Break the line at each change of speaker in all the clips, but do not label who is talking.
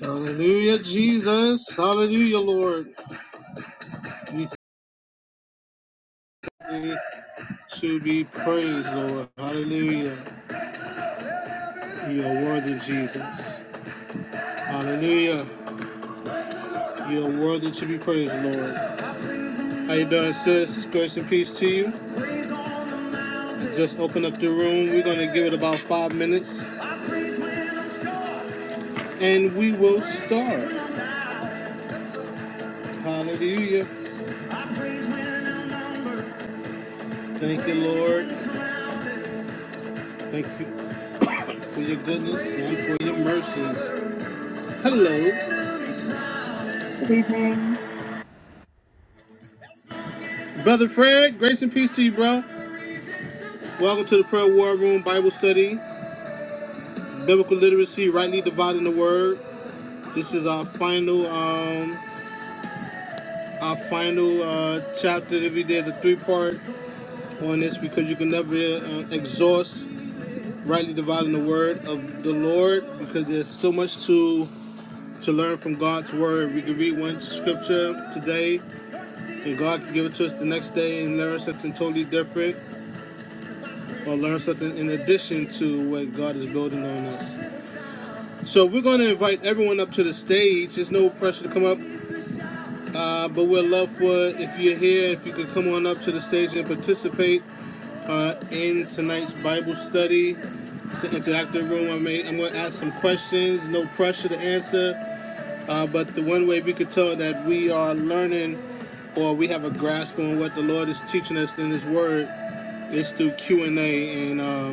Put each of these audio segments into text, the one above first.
Hallelujah, Jesus. Hallelujah, Lord. You to be praised, Lord. Hallelujah. You are worthy, Jesus. Hallelujah. You are worthy to be praised, Lord. How you doing, sis? Grace and peace to you. Just open up the room. We're gonna give it about five minutes, and we will start. Hallelujah. Thank you, Lord. Thank you. for your goodness and for your mercies. Hello,
Good evening.
brother Fred. Grace and peace to you, bro. Welcome to the Prayer War Room Bible Study, Biblical Literacy, rightly dividing the word. This is our final, um, our final uh, chapter that we did a three-part on this because you can never uh, exhaust rightly dividing the word of the Lord because there's so much to to learn from God's word. We can read one scripture today, and God can give it to us the next day and learn something totally different. or learn something in addition to what God is building on us. So we're going to invite everyone up to the stage. There's no pressure to come up, uh, but we'd love for if you're here, if you could come on up to the stage and participate uh, in tonight's Bible study. It's an interactive room. I made. I'm going to ask some questions. No pressure to answer, uh, but the one way we could tell that we are learning or we have a grasp on what the Lord is teaching us in His Word is through Q and A, and um,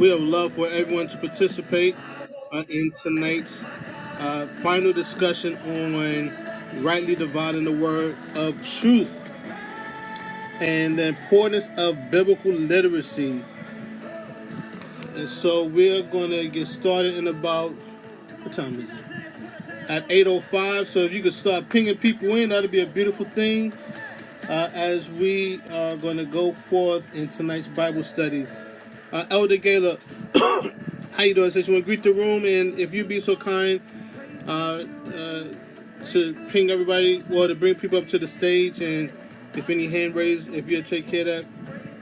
we would love for everyone to participate uh, in tonight's uh, final discussion on rightly dividing the word of truth and the importance of biblical literacy. And so we're going to get started in about what time is it? At 8:05. So if you could start pinging people in, that'd be a beautiful thing. Uh, as we are going to go forth in tonight's Bible study, uh, Elder Gala, how you doing? Says you want to greet the room, and if you'd be so kind to ping everybody, well, to bring people up to the stage, and if any hand raised, if you take care of that,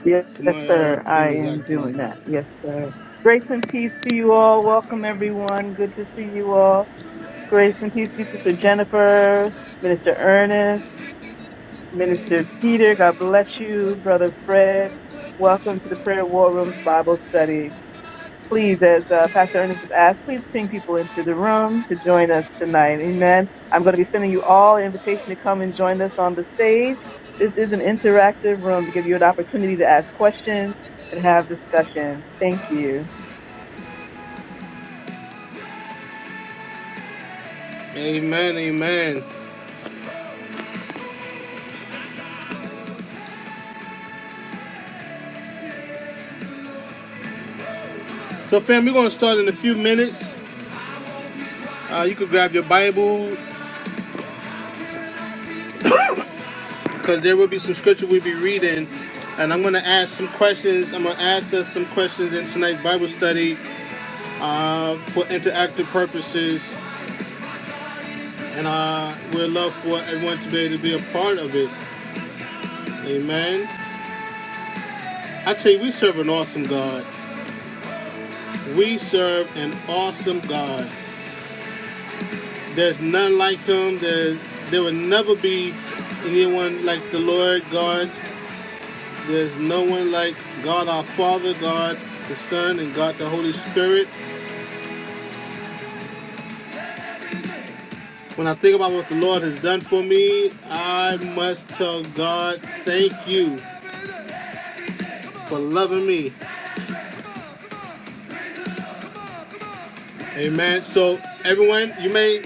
Yes,
'cause my uh,
sir.
thing
I
is
am
acting up.
doing that. Yes, sir. Grace and peace to you all. Welcome, everyone. Good to see you all. Grace and peace to Sister Jennifer, Minister Ernest, Minister Peter. God bless you, Brother Fred. Welcome to the Prayer War Room's Bible study. please, as uh, Pastor Ernest has asked, please ping people into the room to join us tonight. Amen. I'm going to be sending you all an invitation to come and join us on the stage. This is an interactive room to give you an opportunity to ask questions and have discussion. Thank you.
Amen, amen. So, fam, we're going to start in a few minutes. Uh, you could grab your Bible, because there will be some scripture we'll be reading. And I'm going to ask some questions. I'm going to ask us some questions in tonight's Bible study uh, for interactive purposes. And uh, we'd love for everyone to be able to be a part of it. Amen. I tell you, we serve an awesome God. We serve an awesome God. There's none like him. There, there will never be anyone like the Lord God. There's no one like God our Father, God the Son, and God the Holy Spirit. When I think about what the Lord has done for me, I must tell God, thank you for loving me. Amen. So everyone, you may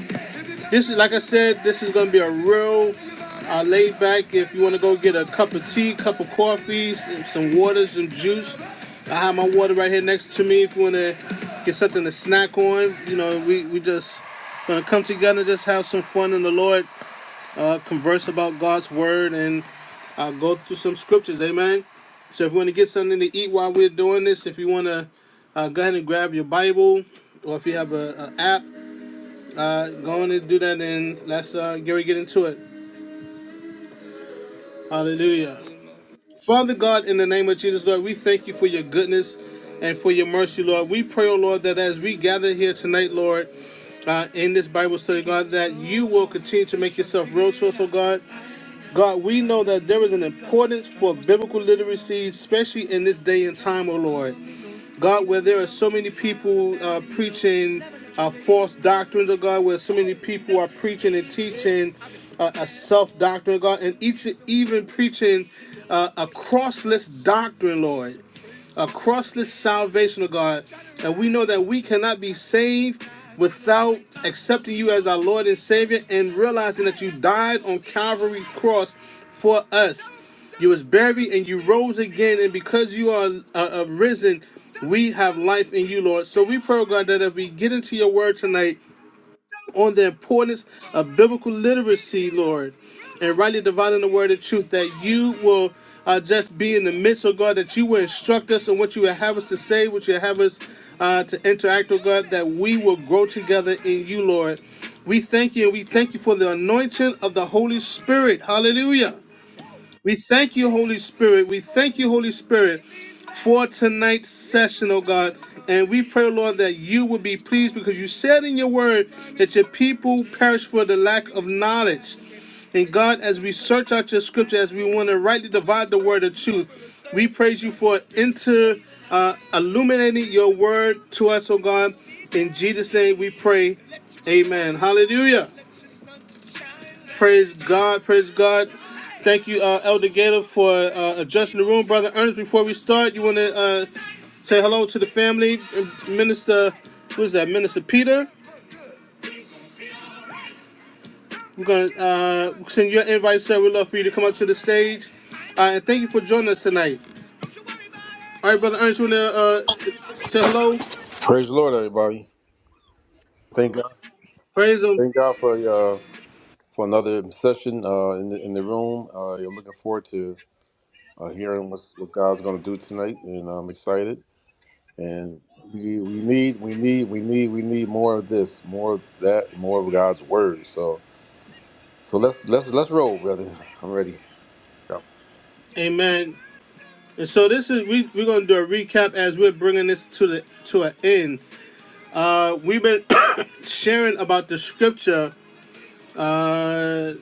This is like I said. This is gonna be a real uh, laid back. If you want to go get a cup of tea, cup of coffee, some, some water, some juice. I have my water right here next to me. If you want to get something to snack on, you know, we we just gonna come together, and just have some fun in the Lord, uh, converse about God's word, and uh, go through some scriptures. Amen. So if you want to get something to eat while we're doing this, if you want to uh, go ahead and grab your Bible, or if you have an app, uh, go on and do that, and let's uh, Gary get into it. Hallelujah. Father God, in the name of Jesus, Lord, we thank you for your goodness and for your mercy, Lord. We pray, oh Lord, that as we gather here tonight, Lord, uh, in this Bible study, God, that you will continue to make yourself real to us, oh God. God, we know that there is an importance for biblical literacy, especially in this day and time, oh Lord. God, where there are so many people uh, preaching uh, false doctrines, oh God, where so many people are preaching and teaching uh, a self doctrine, God, and each even preaching uh, a crossless doctrine, Lord across this salvation, of God, and we know that we cannot be saved without accepting you as our Lord and Savior and realizing that you died on Calvary's cross for us. You was buried and you rose again, and because you are uh, uh, risen, we have life in you, Lord. So we pray, oh God, that if we get into your word tonight, on the importance of biblical literacy, Lord, and rightly dividing the word of truth, that you will uh, just be in the midst, oh God, that you will instruct us on what you will have us to say, what you will have us uh, to interact, oh God, that we will grow together in you, Lord. We thank you and we thank you for the anointing of the Holy Spirit. Hallelujah. We thank you, Holy Spirit. We thank you, Holy Spirit, for tonight's session, oh God. And we pray, Lord, that you would be pleased because you said in your word that your people perish for the lack of knowledge. And God, as we search out your scripture, as we want to rightly divide the word of truth, we praise you for inter uh, illuminating your word to us, oh God. In Jesus' name we pray. Amen. Hallelujah. Praise God, praise God. Thank you, uh, Elder Gator, for uh, adjusting the room. Brother Ernest, before we start, you want to uh, say hello to the family. Uh, Minister, Who's that? Minister Peter. We're going to uh, send your invite, sir. We'd love for you to come up to the stage. Uh, and thank you for joining us tonight. All right, Brother Ernest, you want to uh, say hello?
Praise the Lord, everybody. Thank God.
Praise him.
Thank God for uh, for another session uh, in the in the room. Uh, you're looking forward to uh, hearing what's, what God's going to do tonight, and I'm excited. And we we need we need we need we need more of this, more of that, more of God's word. So so let's let's let's roll, brother. I'm ready. Go.
Amen. And so this is we we're gonna do a recap as we're bringing this to the to an end. Uh, we've been sharing about the scripture. Uh,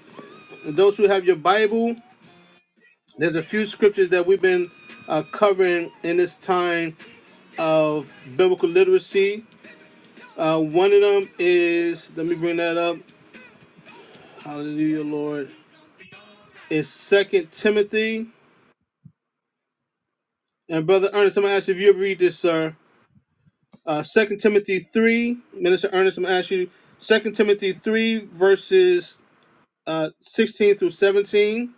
those who have your Bible, there's a few scriptures that we've been uh, covering in this time of biblical literacy. Uh, one of them is, let me bring that up. Hallelujah, Lord. It's Second Timothy. And Brother Ernest, I'm going to ask you if you ever read this, sir. Uh, 2 Timothy 3, Minister Ernest, I'm going to ask you Second Timothy 3, verses uh, 16 through 17.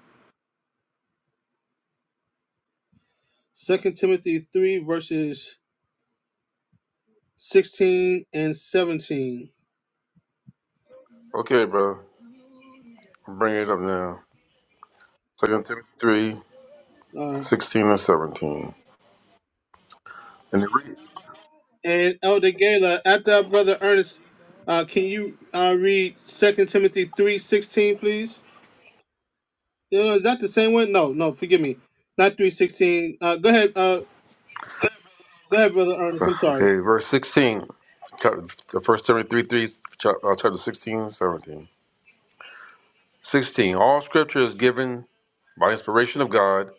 Second Timothy 3, verses 16 and 17.
Okay, bro. I'm bringing it up now. Second Timothy three
All right.
sixteen and seventeen.
And Elder Gala, after our brother Ernest, uh, can you uh, read Second Timothy three sixteen, please? Uh, is that the same one? No, no. Forgive me, not three sixteen. Uh, go ahead, uh, go ahead, brother Ernest. I'm sorry.
Okay, verse 16. Chapter, the first 73, three, chap- uh, chapter sixteen seventeen. 16. All scripture is given by inspiration of God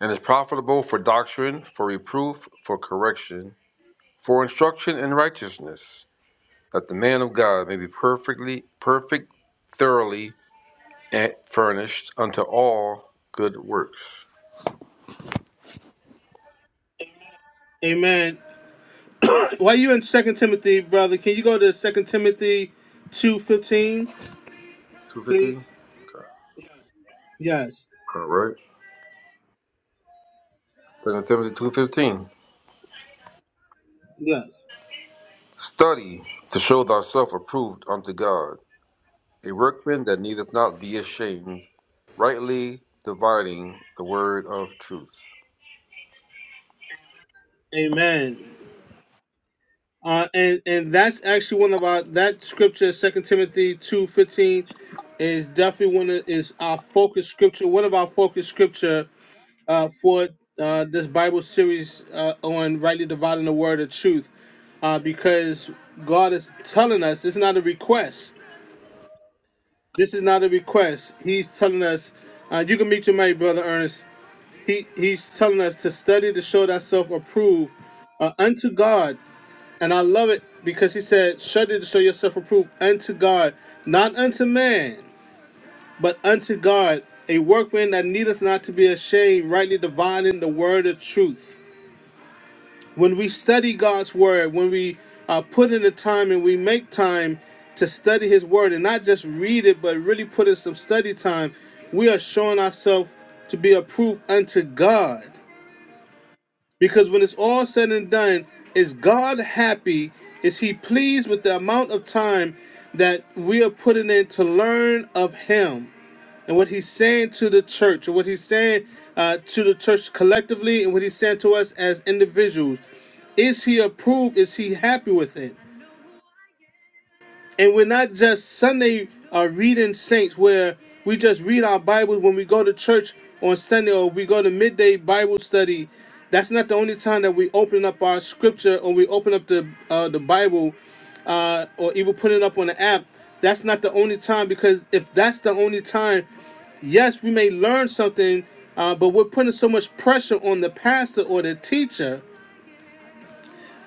and is profitable for doctrine, for reproof, for correction, for instruction in righteousness, that the man of God may be perfectly, perfect, thoroughly and furnished unto all good works.
Amen. While you in Second Timothy, brother, can you go to Second Timothy two fifteen, please?
215? Okay.
Yes,
All right. right. Second Timothy 2.15.
yes.
Study to show thyself approved unto God a workman that needeth not be ashamed, rightly dividing the word of truth.
Amen. Uh, and and that's actually one of our that scripture, Second Timothy two fifteen, is definitely one of is our focus scripture. One of our focus scripture uh, for uh, this Bible series uh, on rightly dividing the word of truth, uh, because God is telling us it's not a request. This is not a request. He's telling us, uh, you can meet your mate, brother Ernest. He he's telling us to study to show thyself approved uh, unto God and I love it because he said, Shudder to show yourself approved unto God, not unto man, but unto God, a workman that needeth not to be ashamed, rightly dividing the word of truth. When we study God's word, when we uh, put in the time and we make time to study his word and not just read it, but really put in some study time, we are showing ourselves to be approved unto God. Because when it's all said and done, is God happy? Is He pleased with the amount of time that we are putting in to learn of Him and what He's saying to the church and what He's saying uh, to the church collectively and what He's saying to us as individuals? Is He approved? Is He happy with it? and we're not just Sunday uh, reading saints where we just read our Bibles when we go to church on Sunday or we go to midday Bible study. That's not the only time that we open up our scripture or we open up the uh, the Bible uh, or even put it up on the app. That's not the only time because if that's the only time, yes, we may learn something, uh, but we're putting so much pressure on the pastor or the teacher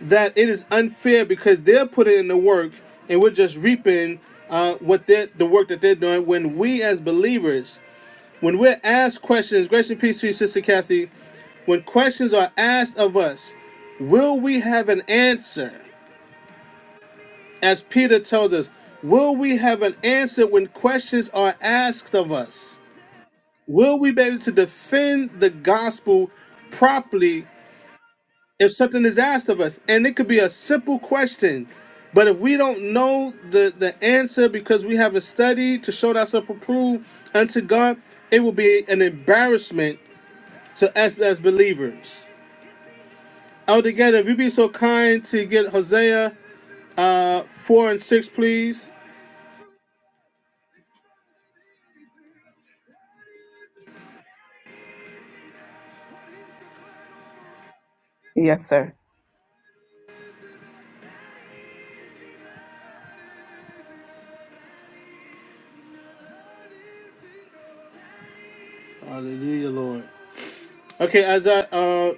that it is unfair because they're putting in the work and we're just reaping uh, what they're, the work that they're doing. When we as believers, when we're asked questions, grace and peace to you, Sister Kathy, when questions are asked of us, will we have an answer? As Peter tells us, will we have an answer when questions are asked of us? Will we be able to defend the gospel properly if something is asked of us and it could be a simple question but if we don't know the the answer because we haven't studied to show ourselves approved unto god it will be an embarrassment to us as believers altogether if you be so kind to get hosea uh four and six please
Yes, sir.
hallelujah lord okay as i uh,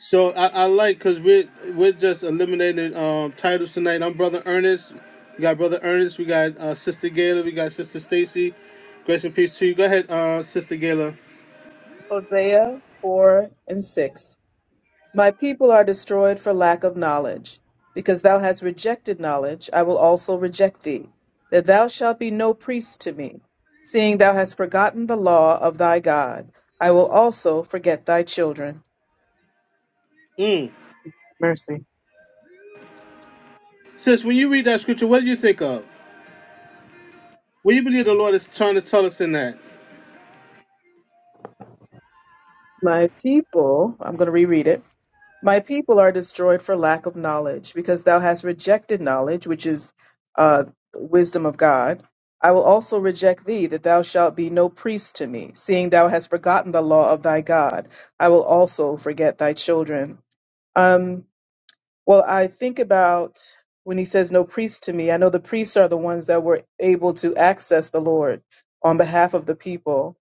So I, I like because we're we're just eliminating um, titles tonight. I'm brother Ernest. We got brother Ernest. We got uh, sister Gayla. We got sister Stacy. Grace and peace to you. Go ahead, uh, sister Gayla.
Hosea 4 and 6. My people are destroyed for lack of knowledge. Because thou hast rejected knowledge, I will also reject thee, that thou shalt be no priest to me. Seeing thou hast forgotten the law of thy God, I will also forget thy children. Mercy.
Sis, when you read that scripture, what do you think of? What do you believe the Lord is trying to tell us in that?
My people, I'm going to reread it. My people are destroyed for lack of knowledge, because thou hast rejected knowledge, which is uh, wisdom of God. I will also reject thee, that thou shalt be no priest to me, seeing thou hast forgotten the law of thy God. I will also forget thy children. Um, well, I think about when he says no priest to me, I know the priests are the ones that were able to access the Lord on behalf of the people.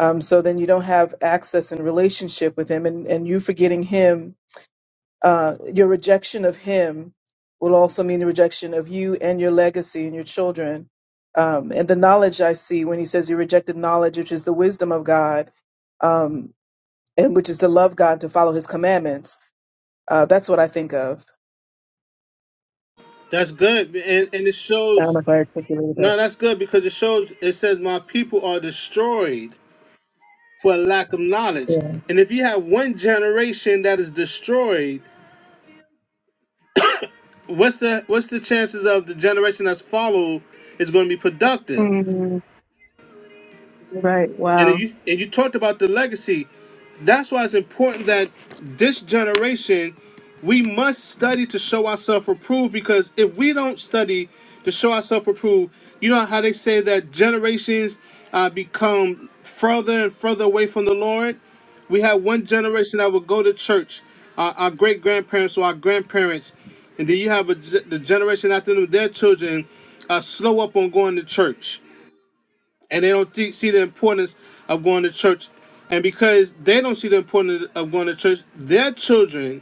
Um, so then you don't have access and relationship with him, and, and you forgetting him uh, your rejection of him will also mean the rejection of you and your legacy and your children. Um, and the knowledge I see when he says you rejected knowledge, which is the wisdom of God, um, and which is to love God, to follow his commandments. Uh, that's what I think of.
That's good, and and it shows. No, that's good because it shows. It says, "My people are destroyed for lack of knowledge." And if you have one generation that is destroyed what's the what's the chances of the generation that's follow is going to be productive?
Mm, right.
and
Wow.
you and you talked about the legacy. That's why it's important that this generation we must study to show ourselves approved because if we don't study to show ourselves approved, you know how they say that generations uh, become further and further away from the Lord. We had one generation that would go to church, our, our great grandparents or our grandparents, and then you have a, ge- the generation after them, their children, uh, slow up on going to church and they don't th- see the importance of going to church. And because they don't see the importance of going to church, their children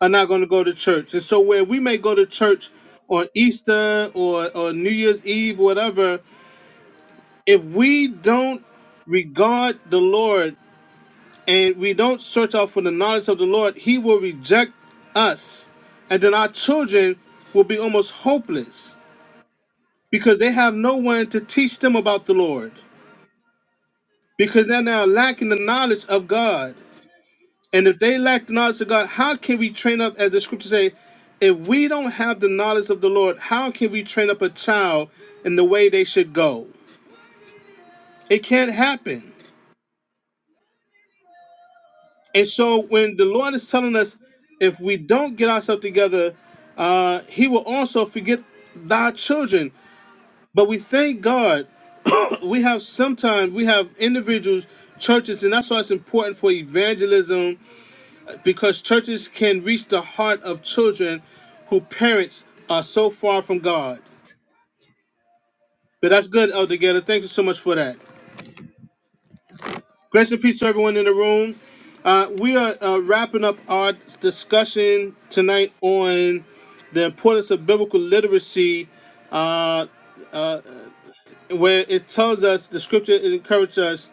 are not going to go to church. And so, where we may go to church on Easter or, or New Year's Eve, whatever, if we don't regard the Lord and we don't search out for the knowledge of the Lord, He will reject us. And then our children will be almost hopeless because they have no one to teach them about the Lord. because they're now lacking the knowledge of God. And if they lack the knowledge of God, how can we train up, as the scriptures say, if we don't have the knowledge of the Lord, how can we train up a child in the way they should go? It can't happen. And so when the Lord is telling us, if we don't get ourselves together, uh, He will also forget thy children. But we thank God we have sometimes we have individuals, churches, and that's why it's important for evangelism because churches can reach the heart of children who parents are so far from God. But that's good, Elder Gator. Thank you so much for that. Grace and peace to everyone in the room. Uh, we are uh, wrapping up our discussion tonight on the importance of biblical literacy where it tells us the scripture encourages us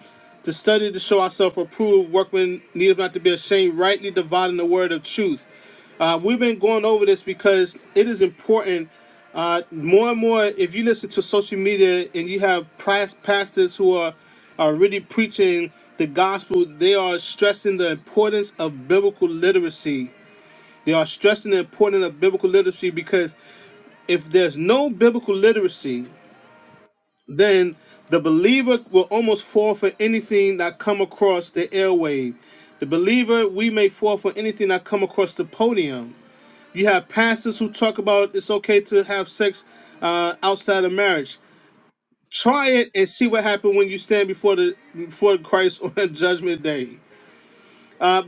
to study to show ourselves approved, workmen needeth not to be ashamed, rightly dividing the word of truth. Uh, we've been going over this because it is important. Uh, more and more, if you listen to social media and you have past pastors who are, are really preaching the gospel, they are stressing the importance of biblical literacy. They are stressing the importance of biblical literacy because if there's no biblical literacy, then the believer will almost fall for anything that come across the airwave. The believer, we may fall for anything that come across the podium. You have pastors who talk about it's okay to have sex uh, outside of marriage. Try it and see what happens when you stand before the before Christ on Judgment Day.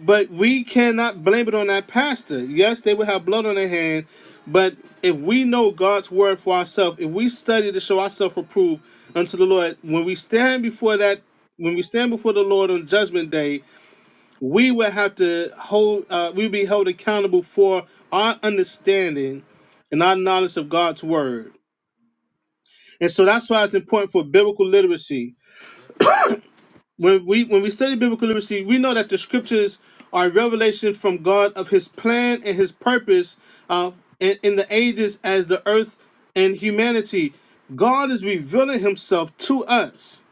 But we cannot blame it on that pastor. Yes, they will have blood on their hand, but if we know God's word for ourselves, if we study to show ourselves approved unto the Lord, when we stand before that, when we stand before the Lord on Judgment Day, we will have to hold. Uh, we be held accountable for our understanding and our knowledge of God's word. And so that's why it's important for biblical literacy. when we when we study biblical literacy, we know that the scriptures are revelations from God of His plan and His purpose uh, in, in the ages as the earth and humanity. God is revealing Himself to us,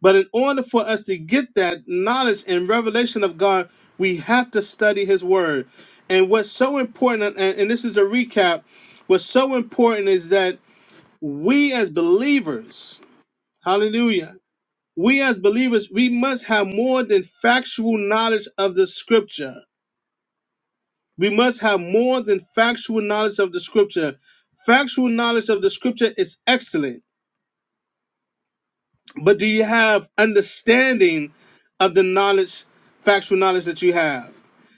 but in order for us to get that knowledge and revelation of God, we have to study His Word. And what's so important, and, and this is a recap, what's so important is that we as believers, Hallelujah. We as believers, we must have more than factual knowledge of the scripture. We must have more than factual knowledge of the scripture. Factual knowledge of the scripture is excellent, but do you have understanding of the knowledge, factual knowledge that you have?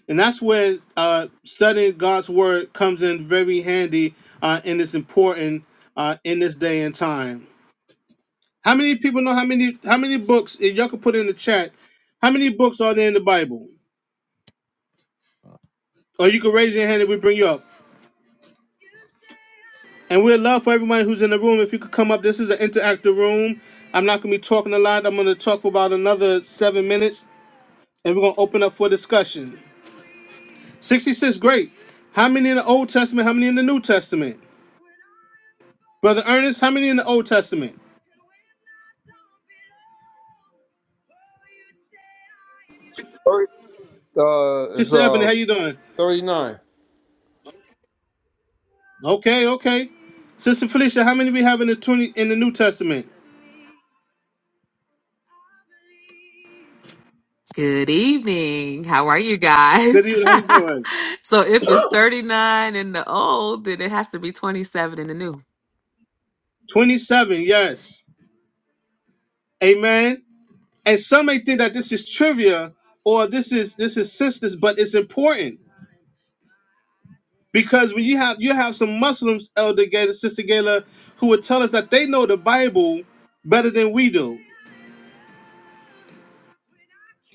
And that's where uh, studying God's word comes in very handy uh, and it's important uh, in this day and time. How many people know how many how many books? If y'all can put in the chat, how many books are there in the Bible? or you can raise your hand and we bring you up. And we'd love for everyone who's in the room if you could come up. This is an interactive room. I'm not gonna be talking a lot. I'm gonna talk for about another seven minutes, and we're gonna open up for discussion. 66, great. How many in the Old Testament? How many in the New Testament? Brother Ernest, how many in the Old Testament?
Thirty- Uh, it's
Sister Ebony,
uh
how you doing?
thirty nine.
Okay, okay. Sister Felicia, how many we have in the twenty in the New Testament?
Good evening. How are you guys?
Good evening. How you doing?
so if it's 39 in the old, then it has to be 27 in the new.
Twenty-seven. Yes. Amen. and some may think that this is trivia or this is this is sisters, but it's important because when you have you have some Muslims, Elder Gator, Sister Gayla, who would tell us that they know the Bible better than we do,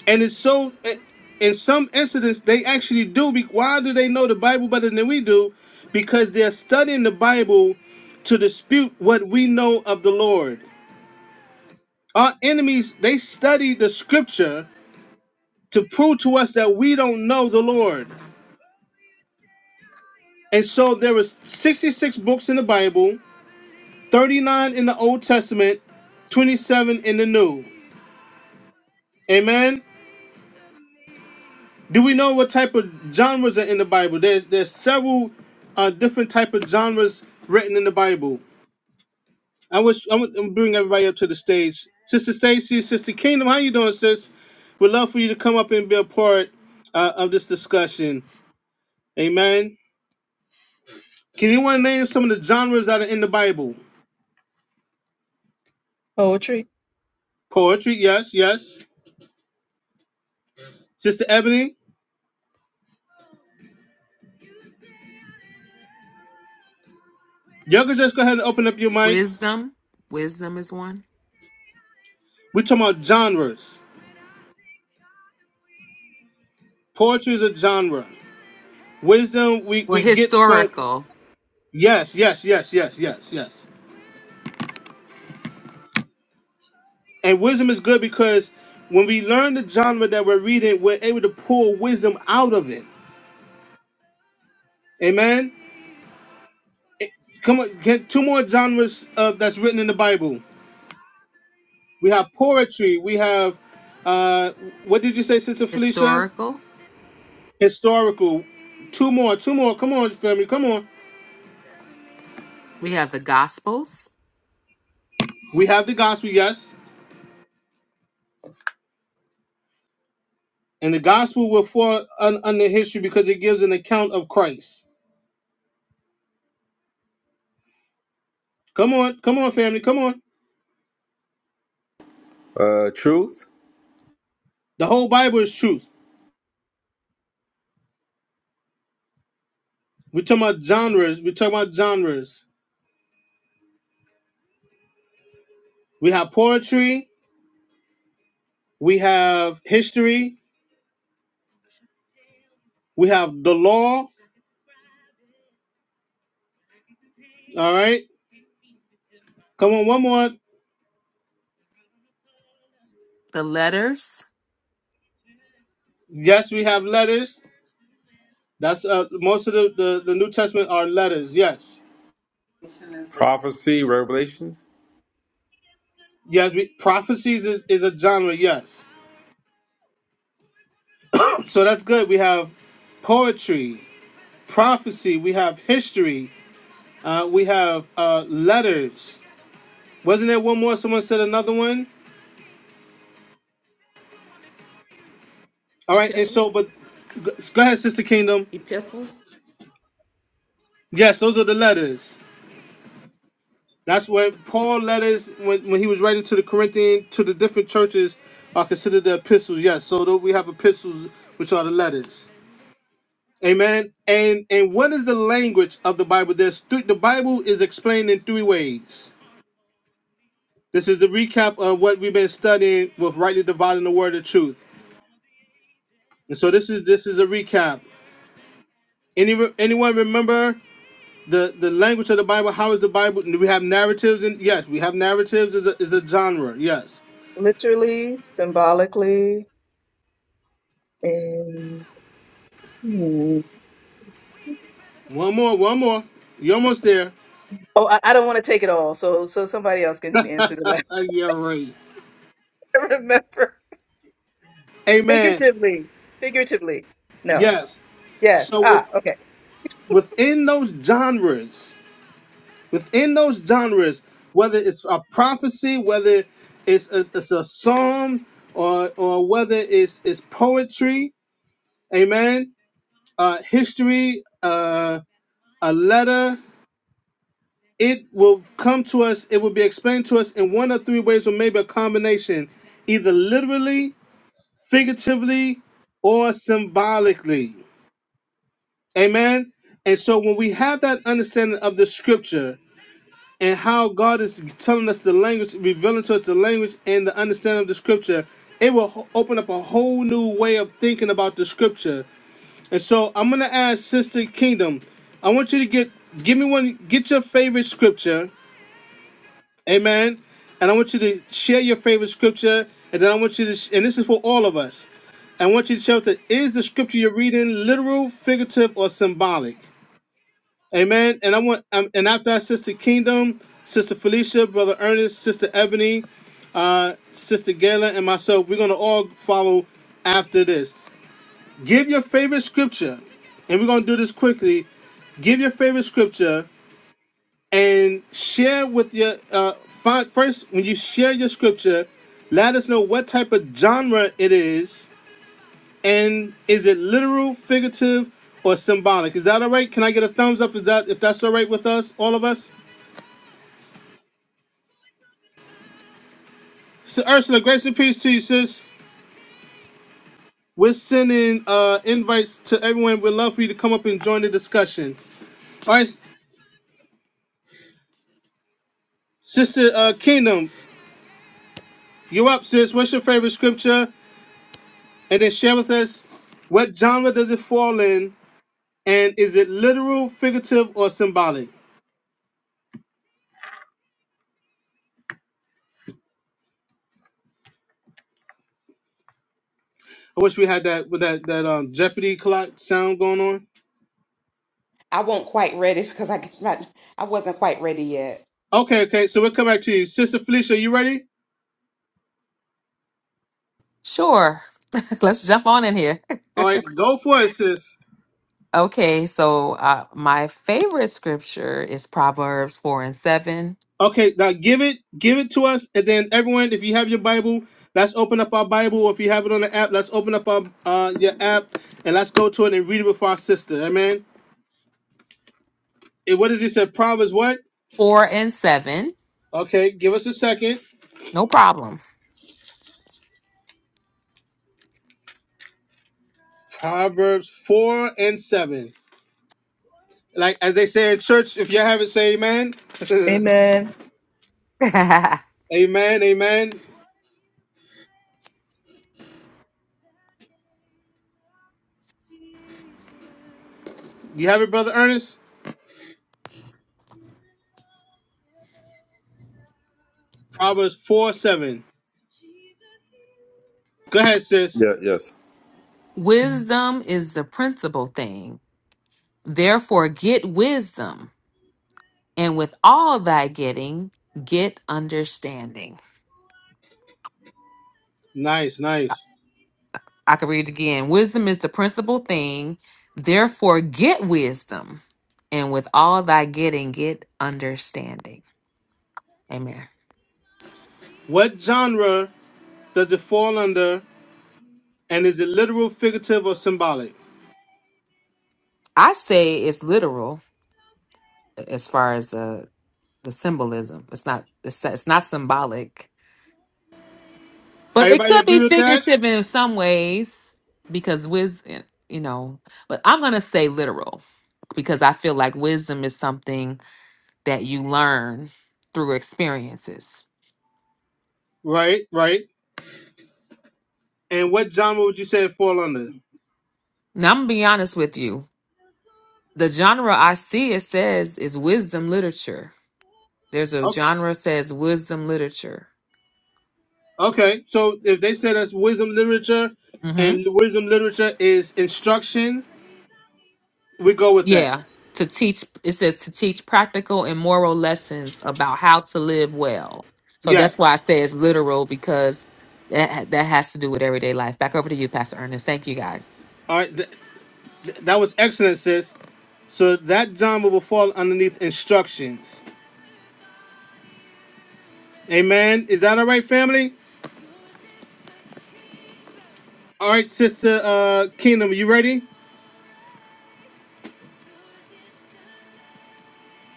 and it's so. It, in some incidents, they actually do. Be, why do they know the Bible better than we do? Because they're studying the Bible to dispute what we know of the Lord. Our enemies, they study the Scripture to prove to us that we don't know the Lord. And so there was 66 books in the Bible, 39 in the Old Testament, 27 in the New. Amen. Do we know what type of genres are in the Bible? There's there's several uh, different type of genres written in the Bible. I wish I'm gonna bring everybody up to the stage. Sister Stacy, Sister Kingdom, how you doing, sis? We'd love for you to come up and be a part uh, of this discussion. Amen. Can you want to name some of the genres that are in the Bible?
Poetry.
Poetry, yes, yes. Sister Ebony, You can just go ahead and open up your mic.
Wisdom. Wisdom is one.
We're talking about genres. Poetry is a genre. Wisdom we,
Well,
we get from
historical.
yes, yes, yes, yes, yes, yes. And wisdom is good because when we learn the genre that we're reading, we're able to pull wisdom out of it. Amen. Come on, get two more genres uh, that's written in the Bible. We have poetry. We have uh, what did you say, Sister Felicia?
Historical.
Historical. Two more. Two more. Come on, family. Come on.
We have the gospels,
We have the gospel. Yes. And the gospel will fall un- under history because it gives an account of Christ. Come on, come on, family, come on.
Uh, truth,
The whole Bible is truth. We're talking about genres. We're talking about genres. We have poetry. We have history. We have the law. All right. Come on, one more.
the letters.
Yes, we have letters. That's uh, most of the, the, the New Testament are letters. Yes.
prophecy, revelations.
Yes, we, prophecies is, is a genre. Yes. So that's good. We have poetry, prophecy, we have history, Uh, we have uh, letters. Wasn't there one more? Someone said another one. All right, and
Epistle?
so, but go ahead, Sister Kingdom.
Epistle?
Yes, those are the letters. That's where Paul letters when, when he was writing to the Corinthian to the different churches are considered the epistles. Yes, so tho- we have epistles, which are the letters. Amen. And and what is the language of the Bible? There's three, the Bible is explained in three ways. This is the recap of what we've been studying with rightly dividing the word of truth. And so this is this is a recap. Any anyone remember the the language of the Bible? How is the Bible? Do we have narratives? And yes, we have narratives is a is a genre. Yes.
Literally, symbolically, and hmm.
One more, one more. You're almost there.
oh, I, I don't want to take it all. So, so somebody else can answer to
Uh, yeah, right.
that. Remember,
Amen.
figuratively, figuratively. No.
Yes.
Yes.
So
Ah,
with
okay.
within those genres, within those genres, whether it's a prophecy, whether it's it's, it's a psalm, or or whether it's it's poetry, amen. Uh, history, uh, a letter. it will come to us, it will be explained to us in one of three ways, or maybe a combination, either literally, figuratively, or symbolically. Amen. And so when we have that understanding of the scripture and how God is telling us the language, revealing to us the language and the understanding of the scripture, it will ho- open up a whole new way of thinking about the scripture. And so I'm gonna ask Sister Kingdom, I want you to get give me one, get your favorite scripture Amen. And I want you to share your favorite scripture. And then I want you to, sh- and this is for all of us. I want you to share that is the scripture you're reading literal, figurative, or symbolic. Amen. And I want, um, and after that, Sister Kingdom, Sister Felicia, Brother Ernest, Sister Ebony, uh, Sister Gayla, and myself, we're gonna all follow after this. Give your favorite scripture, and we're gonna do this quickly. Give your favorite scripture and share with your uh, fi- first when you share your scripture let us know what type of genre it is and is it literal figurative or symbolic is that all right can i get a thumbs up is that if that's all right with us all of us so ursula grace and peace to you sis we're sending uh invites to everyone we'd love for you to come up and join the discussion all right sister uh kingdom you're up sis what's your favorite scripture and then share with us what genre does it fall in And is it literal, figurative, or symbolic? I wish we had that with that that um Jeopardy clock sound going on.
I won't quite read it because I could not, I wasn't quite ready yet.
Okay, okay. So we'll come back to you, Sister Felicia. You ready?
Sure. Let's jump on in here.
All right, go for it, sis.
Okay, so uh, my favorite scripture is Proverbs 4 and 7.
Okay, now give it, give it to us, and then everyone, if you have your Bible, let's open up our Bible. Or if you have it on the app, let's open up our uh your app and let's go to it and read it with our sister. Amen. And what does it say? Proverbs what?
Four and seven.
Okay, give us a second.
No problem.
Proverbs four and seven. Like as they say in church, if you have it, say amen.
Amen.
Amen, amen. You have it, brother Ernest? Proverbs 4 7. Go ahead, sis.
Yeah, yes.
Wisdom is the principal thing. Therefore, get wisdom, and with all thy getting, get understanding.
Nice, nice.
I can read it again. Wisdom is the principal thing. Therefore, get wisdom, and with all thy getting, get understanding. Amen.
What genre does it fall under? And is it literal, figurative, or symbolic?
I say it's literal as far as the the symbolism. It's not it's, it's not symbolic But it
Everybody
could
agree
be
with that?
figurative in some ways because wisdom, you know, but I'm going to say literal because I feel like wisdom is something that you learn through experiences.
Right, right. And what genre would you say it fall under?
Now, I'm going to be honest with you. The genre I see it says is wisdom literature. There's a
Okay.
genre says wisdom literature.
Okay. So if they said that's wisdom literature
Mm-hmm.
and wisdom literature is instruction, we go with that.
Yeah, to teach, it says to teach practical and moral lessons about how to live well. So
Yeah.
that's why I say it's literal because that that has to do with everyday life. Back over to you, Pastor Ernest. Thank you guys.
All right. th- That was excellent, sis. So that genre will fall underneath instructions. Amen. Is that all right, family? All right, Sister uh, Kingdom, you ready?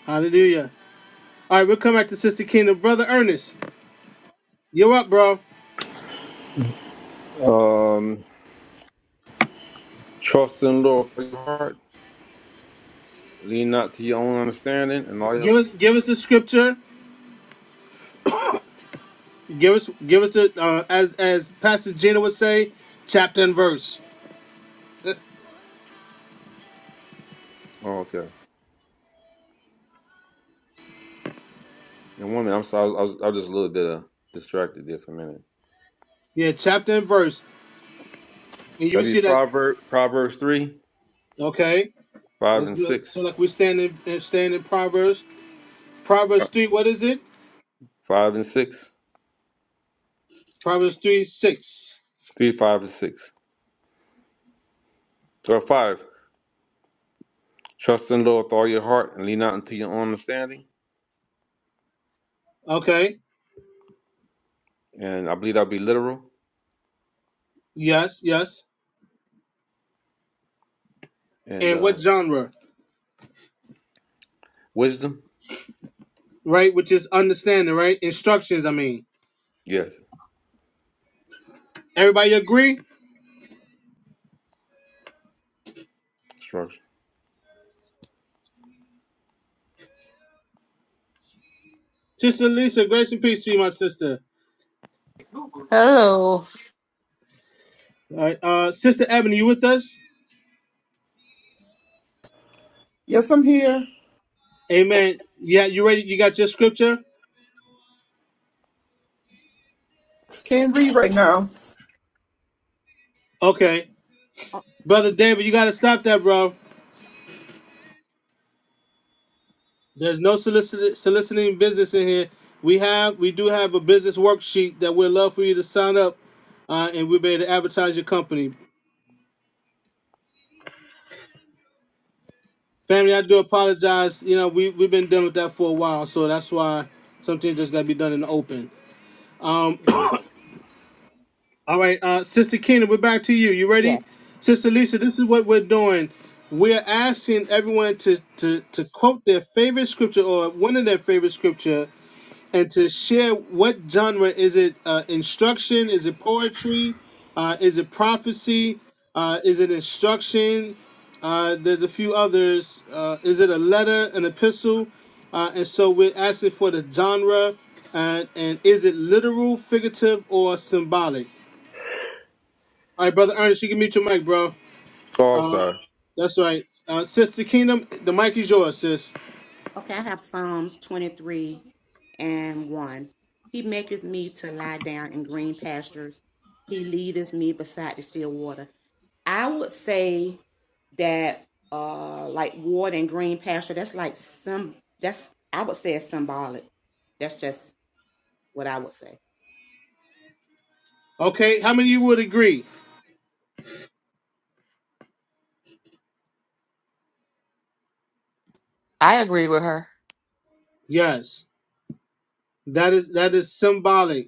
Hallelujah. All right, we'll come back to Sister Kingdom. Brother Ernest, you're up, bro.
Um, trust in the Lord with your heart. Lean not to your own understanding, and all your.
Give us give us the scripture. Give us give us the uh, as as Pastor Gina would say, chapter and verse.
Oh, okay. And one minute, I'm sorry. I was, I was just a little bit uh, distracted there for a minute.
Yeah, chapter and verse. And you will
That'd be
see that
Proverb, Proverbs three,
okay.
five
That's
and
good. So
six,
like we stand in stand in Proverbs.
Uh,
Proverbs three, what is it?
five and six,
Proverbs 3 6.
three, five and six, or five. Trust in the Lord with all your heart and lean not into your own understanding.
Okay.
And I believe that'll be literal
Yes, yes.
and
And
uh,
what genre?
wisdom.
Right? Which is understanding, right? Instructions, I mean.
Yes,
Everybody agree?
instruction.
Sister Lisa, grace and peace to you, my sister.
Hello.
All right. Uh, sister Ebony, you with us?
Yes, I'm here.
Amen. Yeah, you ready? You got your scripture?
Can't read right now.
Okay. Brother David, you got to stop that, bro. There's no solicit- soliciting business in here. We have, we do have a business worksheet that we'd love for you to sign up, uh, and we'll be able to advertise your company. Family, I do apologize. You know, we we've been dealing with that for a while, so that's why some things just gotta be done in the open.
hmm
All right, uh, Sister Keena, we're back to you. You ready?
Yes.
Sister Lisa, this is what we're doing. We're asking everyone to, to, to quote their favorite scripture or one of their favorite scripture and to share what genre is it uh, instruction is it poetry uh, is it prophecy uh, is it instruction uh, there's a few others uh, is it a letter an epistle uh, and so we're asking for the genre and, and is it literal figurative or symbolic all right, brother Ernest, you can mute your mic, bro.
Oh, I'm sorry.
That's right. Uh, sister Kingdom, the mic is yours, sis.
Okay, I have Psalms 23 and 1. He maketh me to lie down in green pastures. He leadeth me beside the still water. I would say that uh like water and green pasture, that's like some that's I would say it's symbolic. That's just what I would say.
Okay, how many of you would agree?
I agree with her.
Yes, that is that is symbolic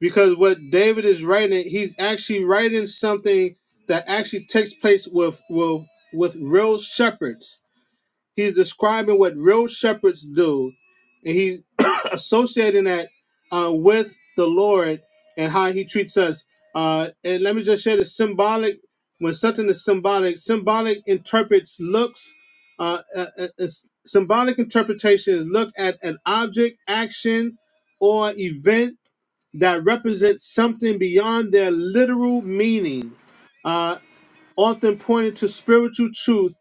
because what David is writing, he's actually writing something that actually takes place with with with real shepherds. He's describing what real shepherds do, and he. associating that uh, with the Lord and how He treats us. Uh, and let me just share the symbolic. When something is symbolic, symbolic interprets looks. Uh, uh, uh, uh, symbolic interpretation is look at an object, action, or event that represents something beyond their literal meaning, uh, often pointing to spiritual truth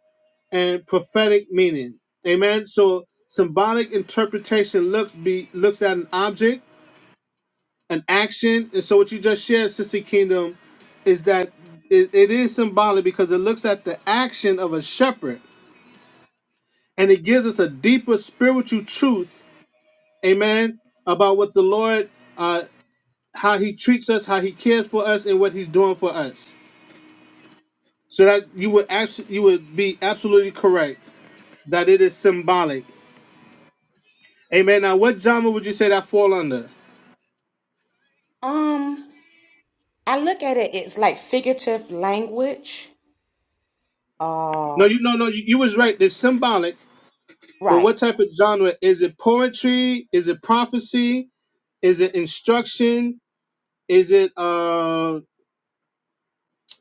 and prophetic meaning. Amen. So symbolic interpretation looks be looks at an object an action. And so what you just shared, Sister Kingdom, is that it, it is symbolic because it looks at the action of a shepherd and it gives us a deeper spiritual truth, amen, about what the Lord, uh, how he treats us, how he cares for us, and what he's doing for us. So that you would abs- you would be absolutely correct that it is symbolic. Amen. Now, what genre would you say that fall under?
Um I look at it it's like figurative language. uh,
No, you no no you, you was right. It's symbolic, But
Right.
what type of genre is it? Poetry? Is it prophecy? Is it instruction? Is it uh?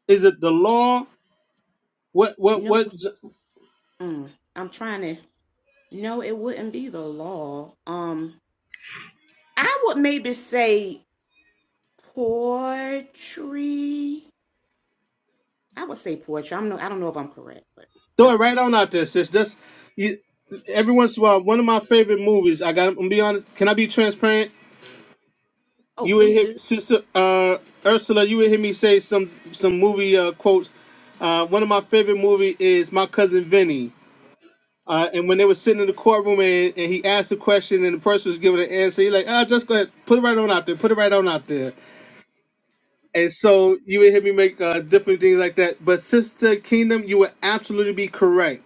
Is it the law? What what
No,
what?
mm, I'm trying to. No, it wouldn't be the law. Um, I would maybe say poetry. I would say poetry. I'm no. I don't know if I'm correct, but I
Throw it
would say.
right on out there, sis. Just you. Every once in a while, one of my favorite movies. I got. I'm gonna be honest. Can I be transparent?
Oh,
You would
please
hear
do.
sister uh Ursula. You would hear me say some some movie uh quotes. Uh, one of my favorite movie is My Cousin Vinny. Uh, and when they were sitting in the courtroom and, and he asked a question and the person was giving an answer, he's like, ah, just go ahead, put it right on out there, put it right on out there. And so you would hear me make uh, different things like that. But Sister Kingdom, you would absolutely be correct.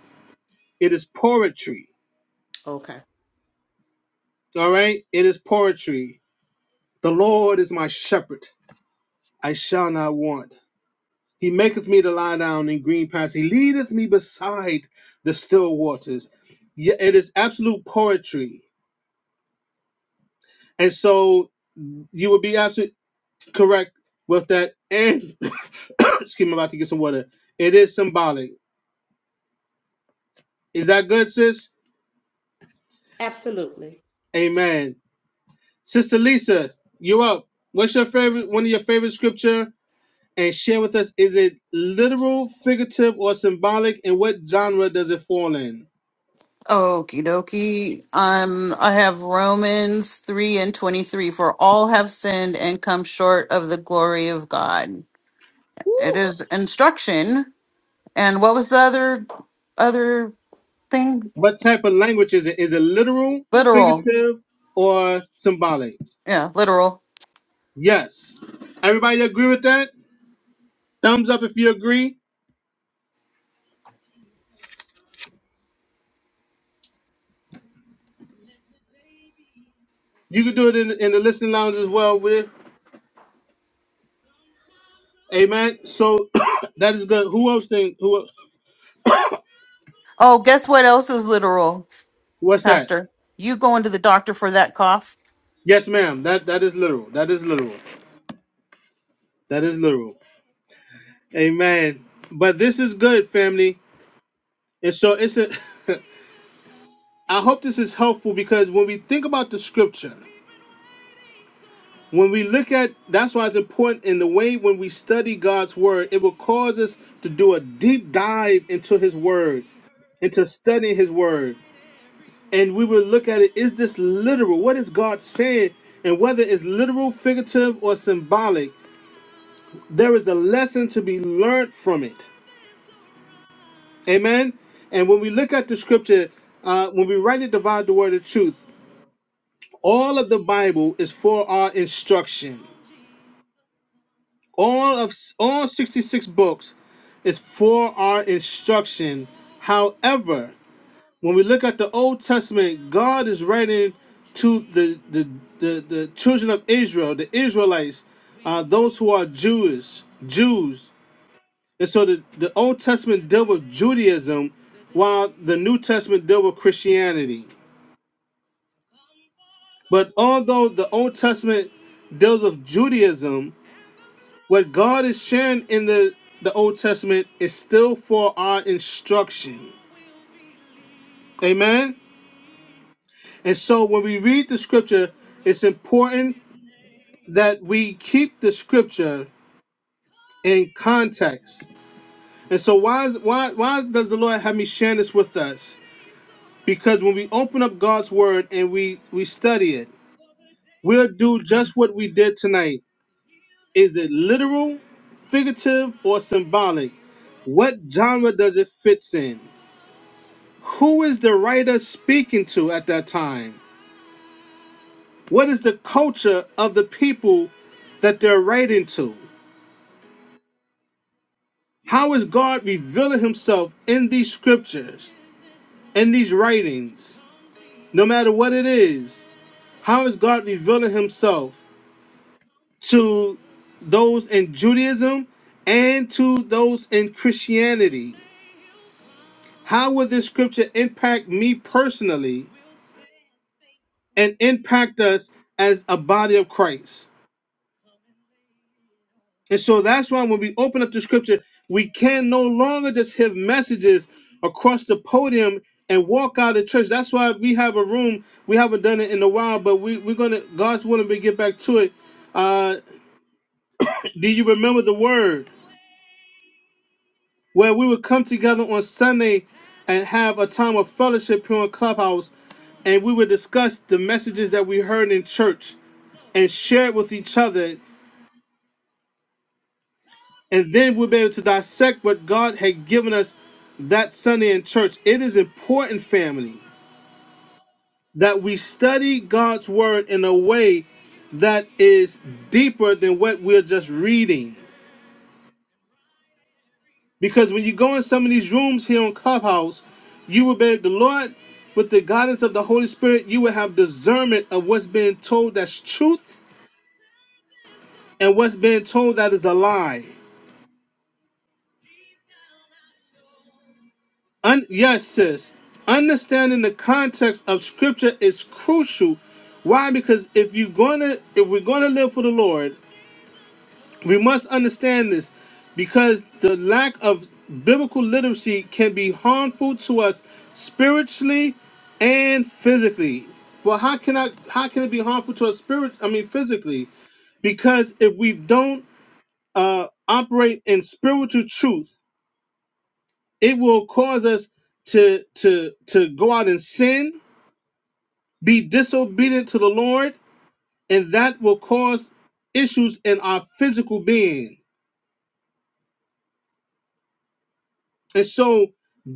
It is poetry.
Okay,
All right? It is poetry. The Lord is my shepherd. I shall not want. He maketh me to lie down in green pastures. He leadeth me beside the still waters. Yeah, it is absolute poetry. And so you would be absolute. correct with that. And excuse me, I'm about to get some water. It is symbolic. Is that good, sis?
absolutely.
Amen. Sister Lisa, you up? What's your favorite? One of your favorite scripture? And share with us: Is it literal, figurative, or symbolic? And what genre does it fall in?
Okie dokie. Um, I have Romans 3 and 23. For all have sinned and come short of the glory of God. It is instruction. And what was the other other thing?
What type of language is it? Is it literal,
Literal.
figurative, or symbolic?
Yeah, literal.
Yes. Everybody agree with that? Thumbs up if you agree. You can do it in, in the listening lounge as well. With Amen. So that is good. Who else think who
Oh, guess what else is literal,
what's that?
Pastor? You going to the doctor for that cough?
Yes, ma'am. That that is literal. That is literal. That is literal. Amen. But this is good, family. And so it's a I hope this is helpful because when we think about the scripture, when we look at that's why it's important in the way when we study God's word, it will cause us to do a deep dive into his word, into studying his word. and we will look at it is this literal what is god saying and whether it's literal figurative or symbolic there is a lesson to be learned from it amen and when we look at the scripture uh, when we rightly divide the word of truth all of the bible is for our instruction all of all 66 books is for our instruction however when we look at the Old Testament, God is writing to the the, the, the children of Israel, the Israelites, uh, those who are Jewish, Jews. And so the, the Old Testament dealt with Judaism, while the New Testament dealt with Christianity. But although the Old Testament deals with Judaism, what God is sharing in the, the Old Testament is still for our instruction. Amen? And so when we read the scripture, it's important that we keep the scripture in context. And so why why why does the Lord have me share this with us? Because when we open up God's word and we we study it, we'll do just what we did tonight. Is it literal, figurative, or symbolic? What genre does it fit in? Who is the writer speaking to at that time? What is the culture of the people that they're writing to? How is God revealing himself in these scriptures, in these writings, no matter what it is? How is God revealing himself to those in Judaism and to those in Christianity? How will this scripture impact me personally and impact us as a body of Christ? And so that's why when we open up the scripture, we can no longer just have messages across the podium and walk out of church. That's why we have a room. We haven't done it in a while, but we, we're gonna God's willing we get back to it. Uh do you remember the word? Where we would come together on Sunday and have a time of fellowship here on Clubhouse and we would discuss the messages that we heard in church and share it with each other. and then we'll be able to dissect what God had given us that Sunday in church. It is important, family, that we study God's word in a way that is deeper than what we're just reading. Because when you go in some of these rooms here on Clubhouse, you will be the Lord with the guidance of the Holy Spirit, you will have discernment of what's being told that's truth and what's being told that is a lie. Un- yes, sis. Understanding the context of scripture is crucial. Why? Because if you're gonna if we're gonna live for the Lord, we must understand this because the lack of biblical literacy can be harmful to us spiritually and physically. Well, how can I how can it be harmful to us spirit I mean physically? Because if we don't uh operate in spiritual truth, it will cause us to to to go out and sin be disobedient to the lord and that will cause issues in our physical being and so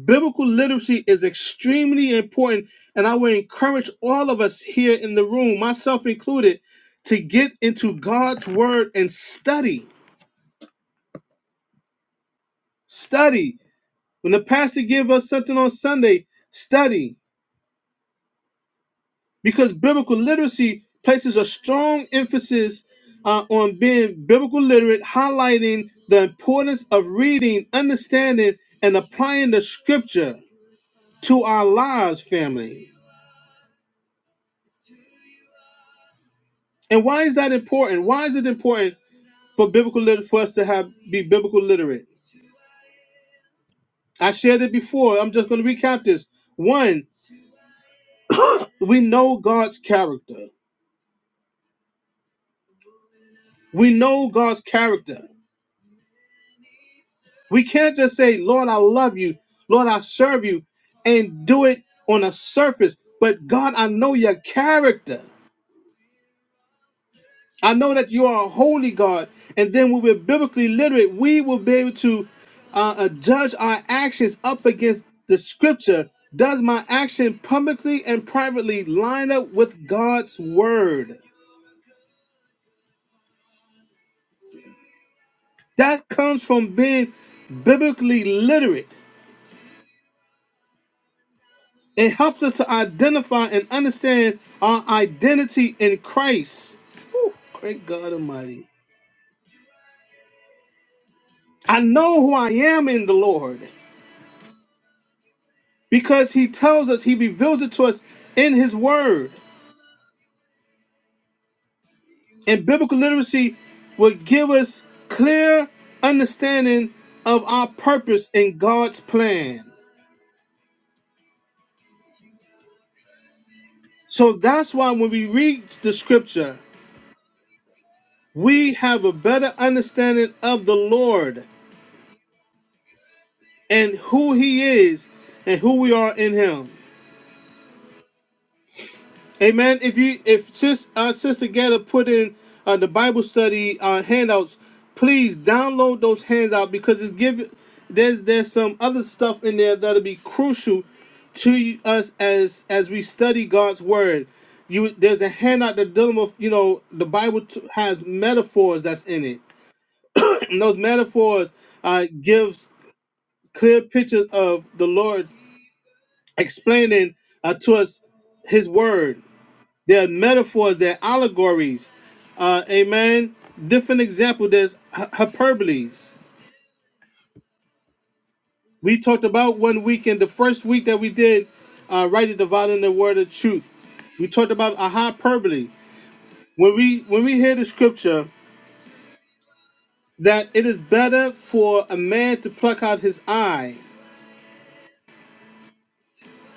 biblical literacy is extremely important and i would encourage all of us here in the room myself included to get into god's word and study study when the pastor give us something on sunday study because biblical literacy places a strong emphasis uh, on being biblical literate, highlighting the importance of reading, understanding, and applying the scripture to our lives, family. And why is that important? Why is it important for biblical lit- for us to have be biblical literate? I shared it before. I'm just going to recap this. One, we know God's character. We know God's character. We can't just say, Lord, I love you, Lord, I serve you, and do it on a surface. But God, I know your character. I know that you are a holy God. And then when we're biblically literate, we will be able to uh, uh, judge our actions up against the scripture. Does my action publicly and privately line up with God's word? That comes from being biblically literate. It helps us to identify and understand our identity in Christ. Whew, great God Almighty. I know who I am in the Lord because He tells us, He reveals it to us in His Word. And biblical literacy will give us clear understanding of our purpose in God's plan. So that's why when we read the scripture, we have a better understanding of the Lord and who he is and who we are in him. Amen. If you if sis uh, sister Getta put in uh, the Bible study uh, handouts, please download those handouts because it's give there's there's some other stuff in there that'll be crucial to us as as we study God's word. You there's a handout that dealing with you know the Bible t- has metaphors that's in it. And those metaphors uh, gives clear pictures of the Lord explaining uh, to us his word. There are metaphors, there are allegories. Uh, amen. Different example, there's hyperboles. We talked about one weekend, the first week that we did uh, right at the volume the word of truth. We talked about a hyperbole. When we when we hear the scripture that it is better for a man to pluck out his eye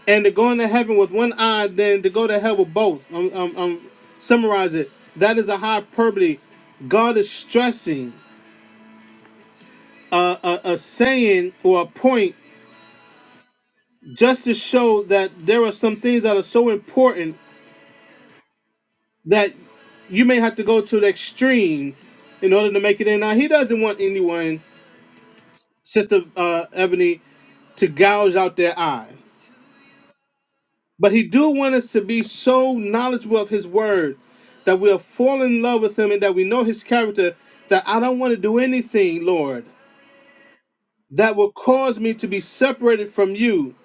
and to go into heaven with one eye than to go to hell with both. Um, um, um, summarize it. That is a hyperbole. God is stressing uh, a, a saying or a point just to show that there are some things that are so important that you may have to go to the extreme in order to make it in. Now, he doesn't want anyone, Sister uh, Ebony, to gouge out their eye. But he do want us to be so knowledgeable of his word that we'll fall in love with him and that we know his character that I don't want to do anything, Lord, that will cause me to be separated from you.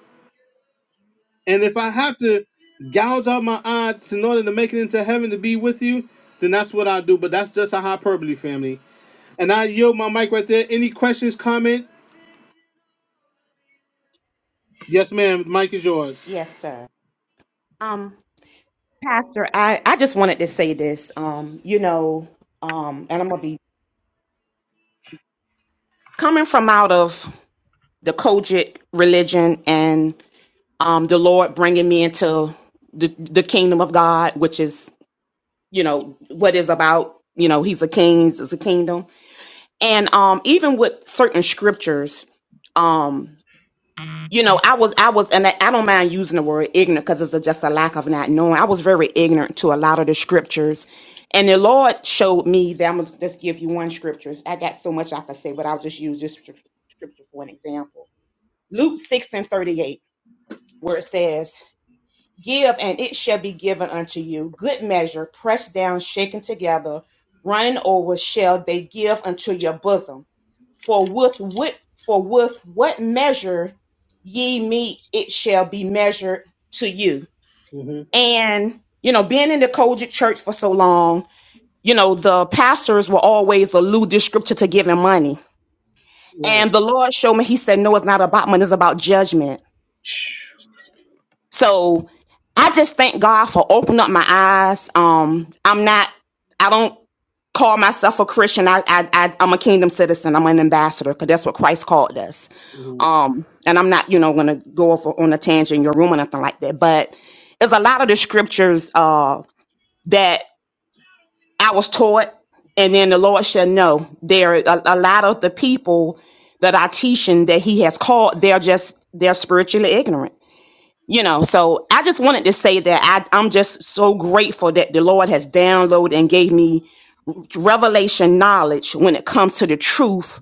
And if I have to gouge out my eye in order to make it into heaven to be with you, then that's what I do. But that's just a hyperbole, family. And I yield my mic right there. Any questions, comment? Yes, ma'am. Mic is yours.
Yes, sir. Um, Pastor, I I just wanted to say this. Um, you know, um, and I'm gonna be coming from out of the Kojic religion, and. um, the Lord bringing me into the, the kingdom of God, which is, you know, what is about, you know, he's a king, it's a kingdom. And, um, even with certain scriptures, um, you know, I was, I was, and I I don't mind using the word ignorant because it's a, just a lack of not knowing. I was very ignorant to a lot of the scriptures. And the Lord showed me that I'm going to just give you one scriptures. I got so much I could say, but I'll just use this scrip- scripture for an example. Luke 6 and 38, where it says, Give, and it shall be given unto you. Good measure, pressed down, shaken together, running over, shall they give unto your bosom. For with what, for with what measure ye meet, it shall be measured to you.
hmm
And you know, being in the Kojic church for so long, you know, the pastors will always allude this scripture to giving money.
Right.
And the Lord showed me, He said, No, it's not about money, it's about judgment So I just thank God for opening up my eyes. Um, I'm not, I don't call myself a Christian. I, I, I I'm a kingdom citizen. I'm an ambassador because that's what Christ called us.
hmm
Um, and I'm not, you know, going to go off on a tangent in your room or nothing like that. But there's a lot of the scriptures uh, that I was taught, and then the Lord shall know. There are a, a lot of the people that are teaching that He has called. They're just they're spiritually ignorant you know so i just wanted to say that I, i'm just so grateful that the lord has downloaded and gave me revelation knowledge when it comes to the truth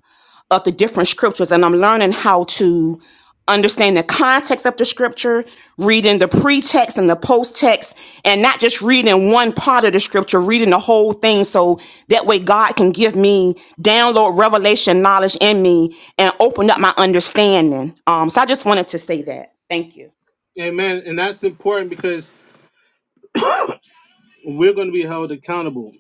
of the different scriptures and i'm learning how to understand the context of the scripture reading the pretext and the post-text and not just reading one part of the scripture reading the whole thing so that way god can give me download revelation knowledge in me and open up my understanding um so i just wanted to say that thank you
Amen. And that's important because we're going to be held accountable.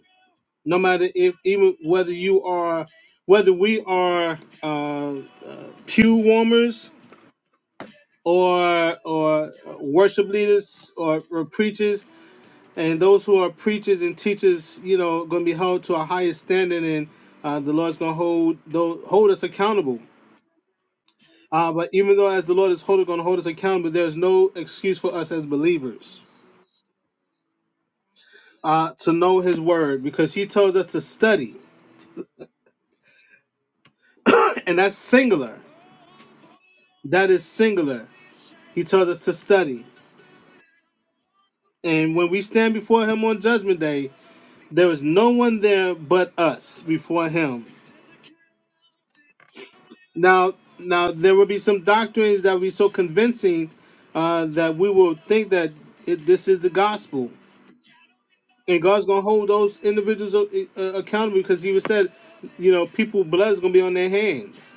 no matter if even whether you are whether we are uh, pew warmers or or worship leaders or, or preachers and those who are preachers and teachers you know going to be held to a higher standard and uh, the lord's going to hold those, hold us accountable uh, but even though as the lord is holding going to hold us accountable there's no excuse for us as believers uh, to know his word because he tells us to study and that's singular that is singular he tells us to study And when we stand before him on judgment day, there is no one there but us before him. Now, now there will be some doctrines that will be so convincing uh, that we will think that it, this is the gospel, and God's gonna hold those individuals uh, uh, accountable because He was said, you know, people's blood is gonna be on their hands.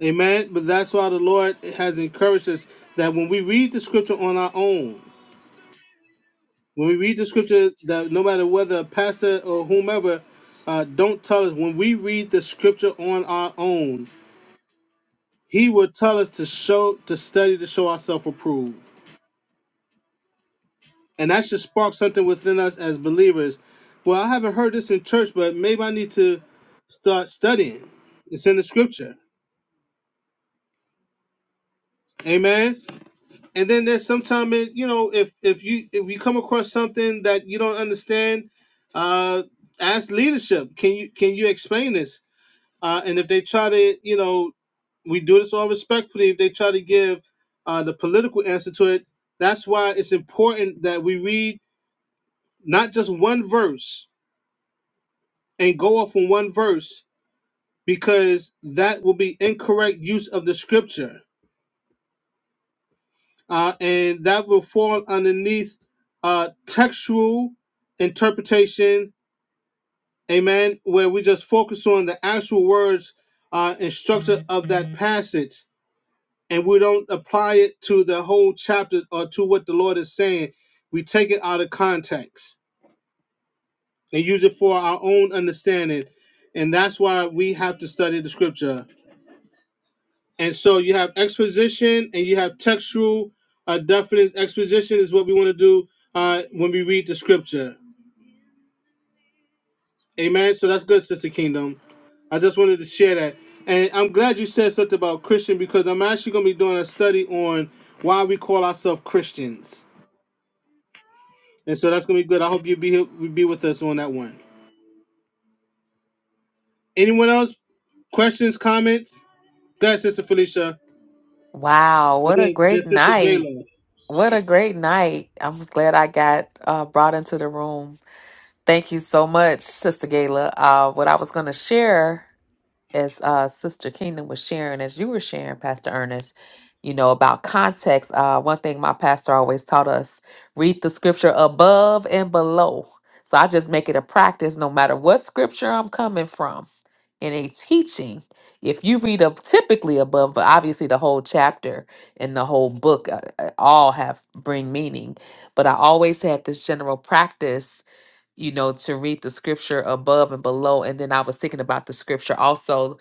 Amen. But that's why the Lord has encouraged us that when we read the scripture on our own, When we read the scripture, that no matter whether a pastor or whomever, uh, don't tell us. When we read the scripture on our own, he will tell us to show, to study, to show ourselves approved, and that should spark something within us as believers. Well, I haven't heard this in church, but maybe I need to start studying. It's in the scripture. Amen. And then there's sometimes you know, if if you if you come across something that you don't understand, uh ask leadership. Can you can you explain this? Uh, and if they try to, you know, we do this all respectfully. If they try to give uh, the political answer to it, that's why it's important that we read not just one verse and go off on one verse because that will be incorrect use of the scripture, uh, and that will fall underneath uh, textual interpretation. Amen. Where we just focus on the actual words uh, and structure of that passage and we don't apply it to the whole chapter or to what the Lord is saying, we take it out of context and use it for our own understanding. And that's why we have to study the scripture. And so you have exposition and you have textual uh, definite exposition is what we want to do uh, when we read the scripture. Amen. So that's good, Sister Kingdom. I just wanted to share that. And I'm glad you said something about Christian because I'm actually going to be doing a study on why we call ourselves Christians And so that's gonna be good. I hope you be here, be with us on that one. Anyone else? Questions, comments? Go ahead, Sister Felicia.
Wow,
And
what a
then, then
great
Sister
night.
Gayla.
What a great night. I'm just glad I got uh, brought into the room. Thank you so much, Sister Gayla. Uh, what I was going to share. as uh, Sister Kingdom was sharing, as you were sharing, Pastor Ernest, you know, about context. Uh, one thing my pastor always taught us read the scripture above and below. So I just make it a practice no matter what scripture I'm coming from in a teaching if you read up typically above but obviously the whole chapter and the whole book uh, uh, all have bring meaning but i always had this general practice you know to read the scripture above and below and then i was thinking about the scripture also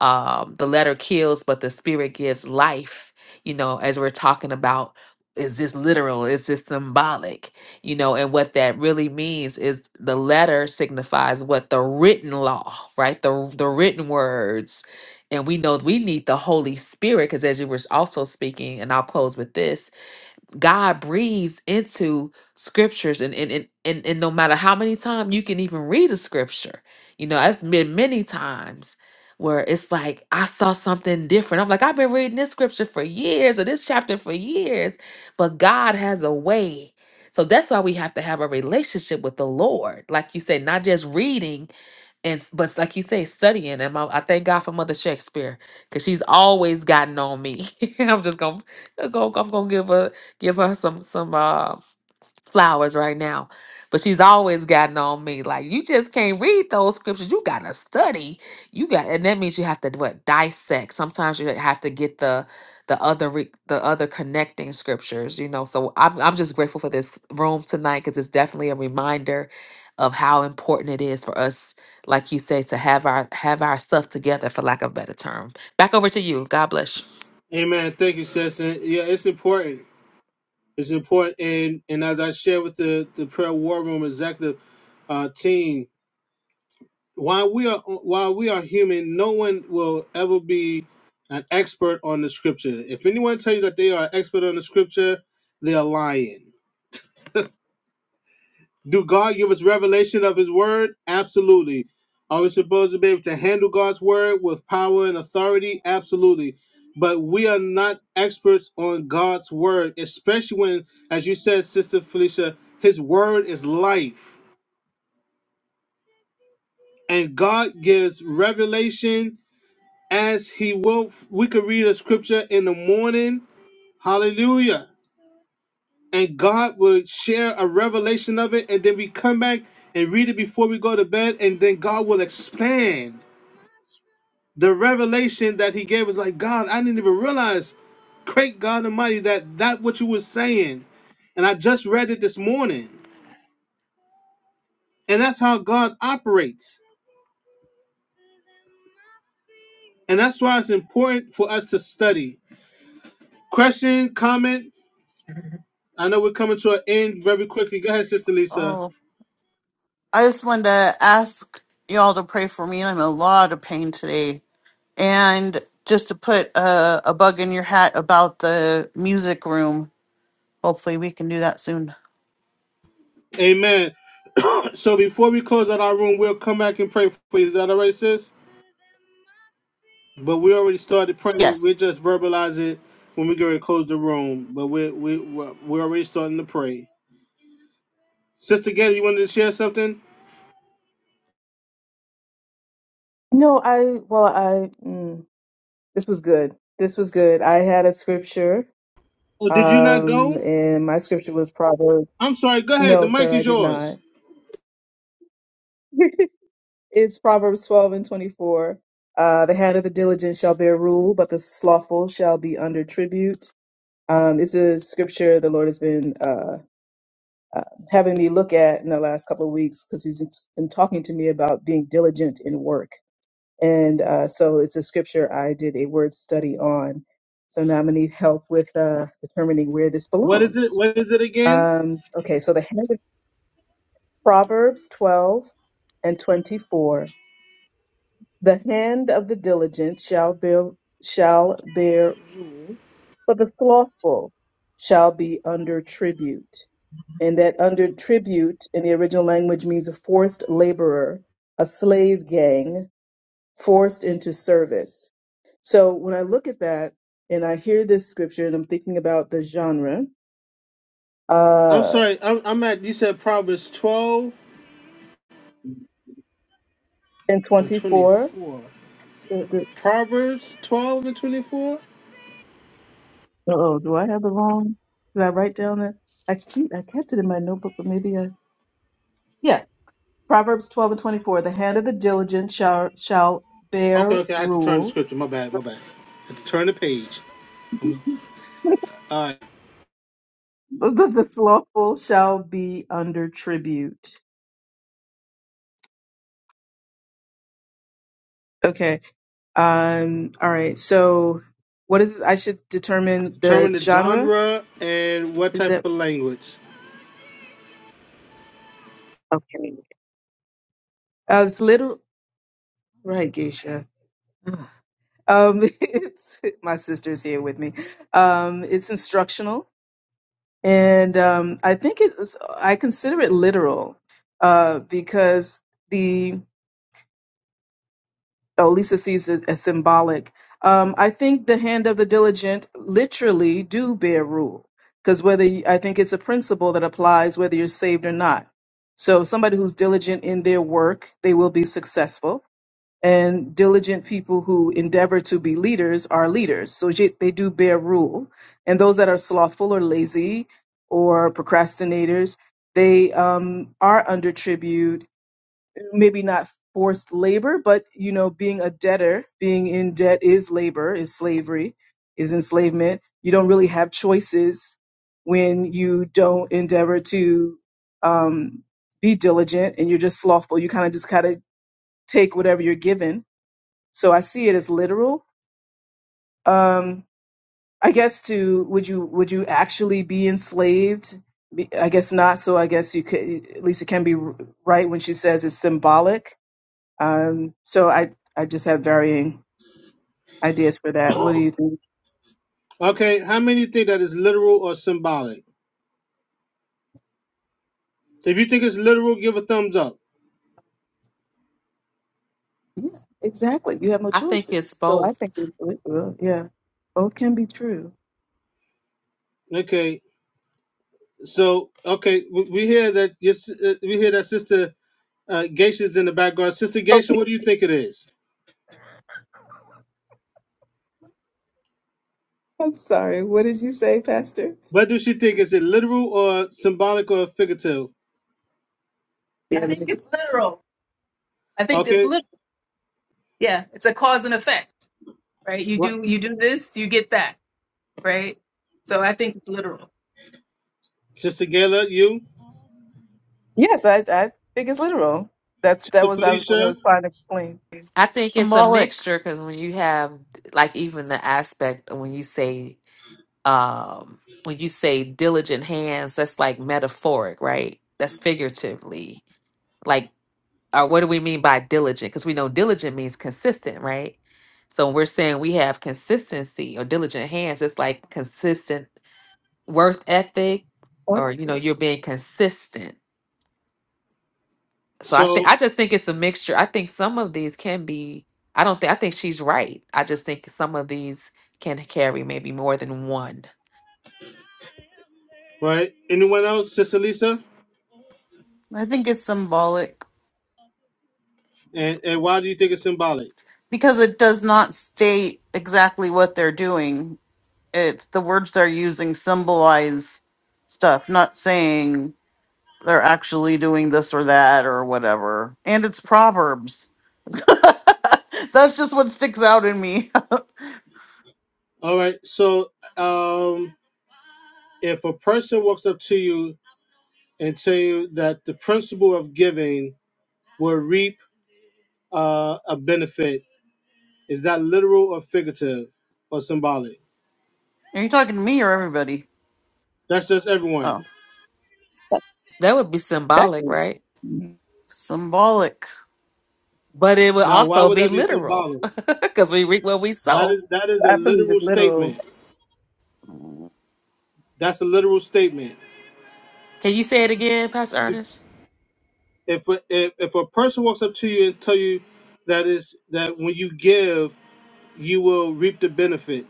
um the letter kills but the spirit gives life you know as we're talking about is this literal is this symbolic you know, and what that really means is the letter signifies what the written law, right? The the written words. And we know we need the Holy Spirit because as you were also speaking, and I'll close with this, God breathes into scriptures and and, and and and no matter how many times you can even read a scripture, you know, I've been many times where it's like I saw something different. I'm like, I've been reading this scripture for years or this chapter for years, but God has a way. So that's why we have to have a relationship with the Lord. Like you said, not just reading, and s- but like you say, studying. And my, I thank God for Mother Shakespeare because she's always gotten on me. I'm just gonna, I'm gonna, I'm gonna give her give her some some uh, flowers right now. But she's always gotten on me. Like, you just can't read those scriptures. You gotta study. You got and that means you have to what dissect. Sometimes you have to get the the other re, the other connecting scriptures, you know. So I'm I'm just grateful for this room tonight because it's definitely a reminder of how important it is for us, like you say, to have our have our stuff together for lack of a better term. Back over to you. God bless you.
Amen. Thank you, sis. And yeah, it's important. It's important. And and as I shared with the, the prayer war room executive uh, team, while we are while we are human, no one will ever be an expert on the scripture. If anyone tells you that they are an expert on the scripture, they are lying. Do God give us revelation of His Word? Absolutely. Are we supposed to be able to handle God's Word with power and authority? Absolutely. But we are not experts on God's Word, especially when, as you said, Sister Felicia, His Word is life. And God gives revelation as He will. We could read a scripture in the morning. Hallelujah and God would share a revelation of it, and then we come back and read it before we go to bed, and then God will expand the revelation that He gave us. Like God, I didn't even realize, great God Almighty, that that what you were saying, and I just read it this morning, and that's how God operates, and that's why it's important for us to study. Question, comment. I know we're coming to an end very quickly. Go ahead, Sister Lisa.
Oh, I just wanted to ask y'all to pray for me. I'm in a lot of pain today. And just to put a, a bug in your hat about the music room, hopefully we can do that soon.
Amen. So before we close out our room, we'll come back and pray for you. Is that all right, sis? But we already started praying. We
Yes,
just verbalize it when we get ready to close the room. But we we we're, we're already starting to pray. Sister Gail, you wanted to share something?
No, I, well, I, mm, this was good. This was good. I had a scripture,
Oh, did you not
um,
go?
and my scripture was Proverbs.
I'm sorry. Go ahead. The
No,
mic
sir, I
is
did
yours.
not. It's Proverbs 12 and 24. Uh, the head of the diligent shall bear rule, but the slothful shall be under tribute. Um, it's a scripture the Lord has been uh, uh, having me look at in the last couple of weeks because He's been talking to me about being diligent in work. And uh, so it's a scripture I did a word study on. So now I'm going to need help with uh, determining where this
What is it?
belongs.
What is it again?
Um, okay, so the hand of Proverbs 12 and 24. The hand of the diligent shall bear, shall bear rule, but the slothful shall be under tribute. And that under tribute in the original language means a forced laborer, a slave gang, forced into service. So when I look at that and I hear this scripture and I'm thinking about the genre,
I'm
uh,
sorry. I'm, I'm at. You said Proverbs 12
in
and
24,
24. Proverbs 12 and 24.
oh, do I have the wrong? Did I write down that? I keep, I kept it in my notebook, but maybe I, yeah. Proverbs 12 and 24, the hand of the diligent shall, shall
Okay,
bear
okay. I had to turn the
rule,
scripture. My bad. My bad. I had to turn the page. Um, All right.
but the slothful shall be under tribute. Okay Um, all right. So, what is I should determine
Determine
the
the
genre?
genre and what
Is
type
that
of language.
okay? Uh, it's little right, Geisha. Ugh. Um, it's my sister's here with me. Um, it's instructional, and um, I think it's I consider it literal uh, because the Oh, Lisa sees it as symbolic. Um, I think the hand of the diligent literally do bear rule because whether you, I think it's a principle that applies whether you're saved or not. So somebody who's diligent in their work, they will be successful. And diligent people who endeavor to be leaders are leaders. So ye- they do bear rule. And those that are slothful or lazy or procrastinators, they um, are under tribute maybe not forced labor, but you know, being a debtor, being in debt is labor, is slavery, is enslavement. You don't really have choices when you don't endeavor to um, be diligent and you're just slothful. You kind of just kind of take whatever you're given. So I see it as literal. Um, I guess to would you would you actually be enslaved? Be- I guess not. So I guess you could at least it can be r- right when she says it's symbolic um, so I, I just have varying ideas for that. What do you think?
Okay, how many think that is literal or symbolic? If you think it's literal, give a thumbs up.
Yeah, exactly. You have no
I think
choice.
it's
So I
both.
think it it will. Yeah, both can be true.
Okay, so okay, we, we hear that. Yes, uh, we hear that sister uh, Geisha's in the background. Sister Geisha,
Okay.
what do you think it is?
I'm sorry. What did you say, Pastor?
What do she think? Is it literal or symbolic or figurative?
Yeah, I Yeah. think it's literal. I think it's
Okay,
literal. Yeah, it's a cause and effect, right? You
right.
do you do this, you get that, right? So I think it's literal.
Sister Gayla, you,
Yes, I, I think it's literal. That's that
Sister
was I, what I
Felicia.
was trying to explain.
I think it's a
symbolic.
mixture because when you have like even the aspect of when you say um when you say diligent hands, that's like metaphoric, right? That's figuratively. Like or what do we mean by diligent? Because we know diligent means consistent, right? So when we're saying we have consistency or diligent hands, it's like consistent worth ethic
What?
or you know, you're being consistent So I think
So
I just think it's a mixture. I think some of these can be. I don't think I think she's right. I just think some of these can carry maybe more than one.
right, anyone else? Sister Lisa,
I think it's symbolic
and and why do you think it's symbolic?
because it does not state exactly what they're doing. It's the words they're using symbolize stuff, not saying they're actually doing this or that or whatever. And it's proverbs. That's just what sticks out in me. Are
All right, so um, if a person walks up to you and saying that the principle of giving will reap uh, a benefit. Is that literal or figurative or symbolic?
you talking to me or everybody?
That's just everyone.
Oh,
That would be
That's
symbolic,
it.
right?
symbolic.
But it would
Now, why
also
would
be
that be
literal
symbolic?
because we reap what we
That
sow.
is that is a
I believe
literal
it's literal.
statement. That's a literal statement.
Can you say it again, Pastor Ernest?
If a- if, if a person walks up to you and tell you that is that when you give, you will reap the benefit.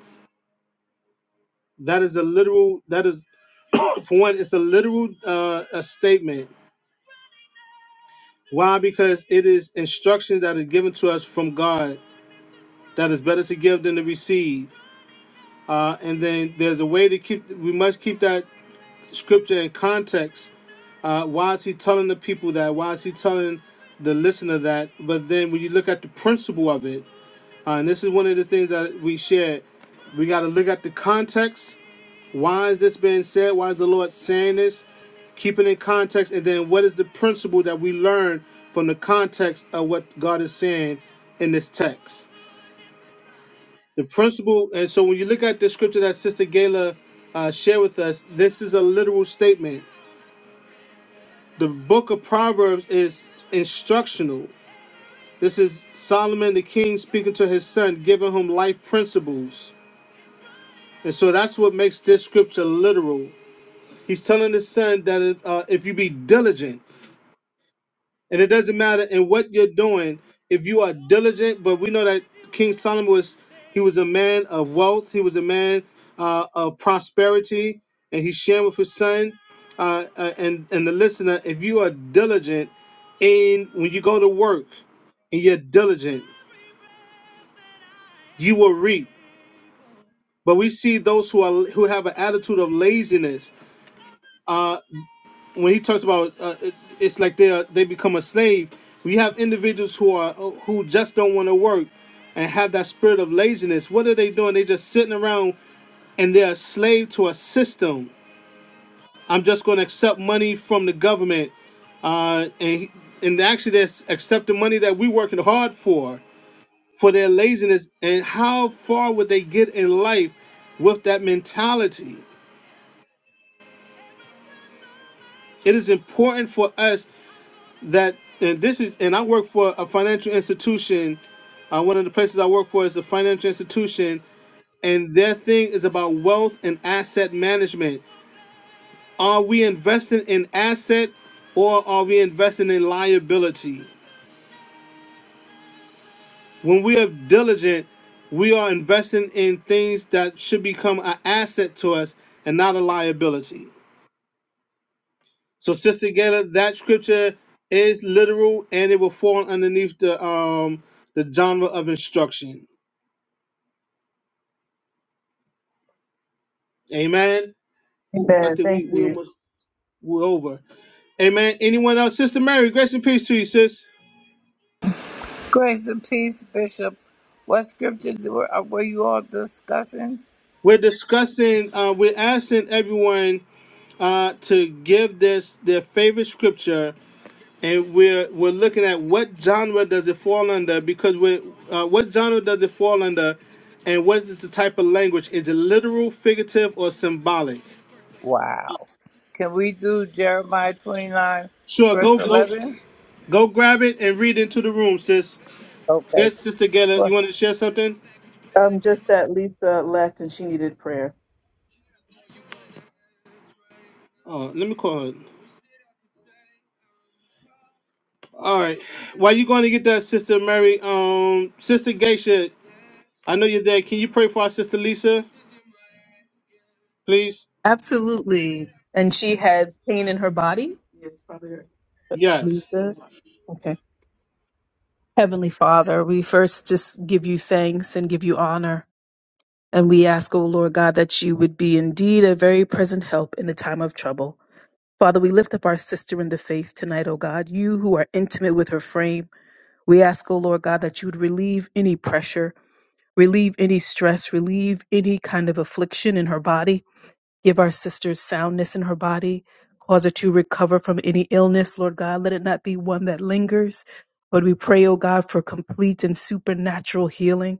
That is a literal. That is for one. It's a literal uh, a statement Why? Because it is instructions that is given to us from God that is better to give than to receive. Uh, and then there's a way to keep. We must keep that scripture in context. Uh, why is he telling the people that? Why is he telling the listener that? But then when you look at the principle of it, uh, and this is one of the things that we shared, we got to look at the context why is this being said? Why is the Lord saying this? Keep it in context, and then what is the principle that we learn from the context of what God is saying in this text? The principle, and so when you look at the scripture that Sister Gayla uh, shared with us, this is a literal statement. The book of Proverbs is instructional. This is Solomon the king speaking to his son, giving him life principles. And so that's what makes this scripture literal. He's telling his son that uh, if you be diligent, And it doesn't matter in what you're doing, if you are diligent, but we know that King Solomon was he was a man of wealth, he was a man uh, of prosperity, and he shared with his son. Uh, uh, and and the listener, if you are diligent in when you go to work and you're diligent, you will reap. But we see those who are who have an attitude of laziness. when he talks about uh, it, it's like they are, they become a slave. We have individuals who are who just don't want to work and have that spirit of laziness. What are they doing? They just sitting around and they're a slave to a system. I'm just going to accept money from the government, uh, and and actually they're accepting money that we working hard for for their laziness. And how far would they get in life with that mentality? It is important for us that and this is and I work for a financial institution. Uh, one of the places I work for is a financial institution, and their thing is about wealth and asset management. Are we investing in asset or are we investing in liability? When we are diligent, we are investing in things that should become an asset to us and not a liability. So, Sister Gaylor, that scripture is literal and it will fall underneath the um the genre of instruction. Amen. Ooh, I
Amen.
think
Thank
we we
you.
almost we're over. Amen. Anyone else? Sister Mary, grace and peace to you, sis.
Grace and peace, Bishop. What scriptures were, uh, were you all discussing?
We're discussing, uh, we're asking everyone uh, to give this their favorite scripture, and we're we're looking at what genre does it fall under because we're uh, what genre does it fall under, and what is the type of language? Is it literal, figurative, or symbolic?
Wow. Can we do Jeremiah 29,
Sure,
verse
go go
11?
go grab it and read into the room, sis.
Okay.
Get this together. You want to share something?
Um, just that Lisa left and she needed prayer.
Oh, let me call her. All right. While you going to get that, Sister Mary, um, Sister Geisha, I know you're there. Can you pray for our Sister Lisa, please?
Absolutely. And she had pain in her body? Yes, probably her.
Yes.
Lisa? Okay. Heavenly Father, we first just give you thanks and give you honor. And we ask, O Lord God, that you would be indeed a very present help in the time of trouble. Father, we lift up our sister in the faith tonight, O God, you who are intimate with her frame. We ask, O Lord God, that you would relieve any pressure relieve any stress, relieve any kind of affliction in her body. Give our sister soundness in her body. Cause her to recover from any illness, Lord God. Let it not be one that lingers. But we pray, oh God, for complete and supernatural healing.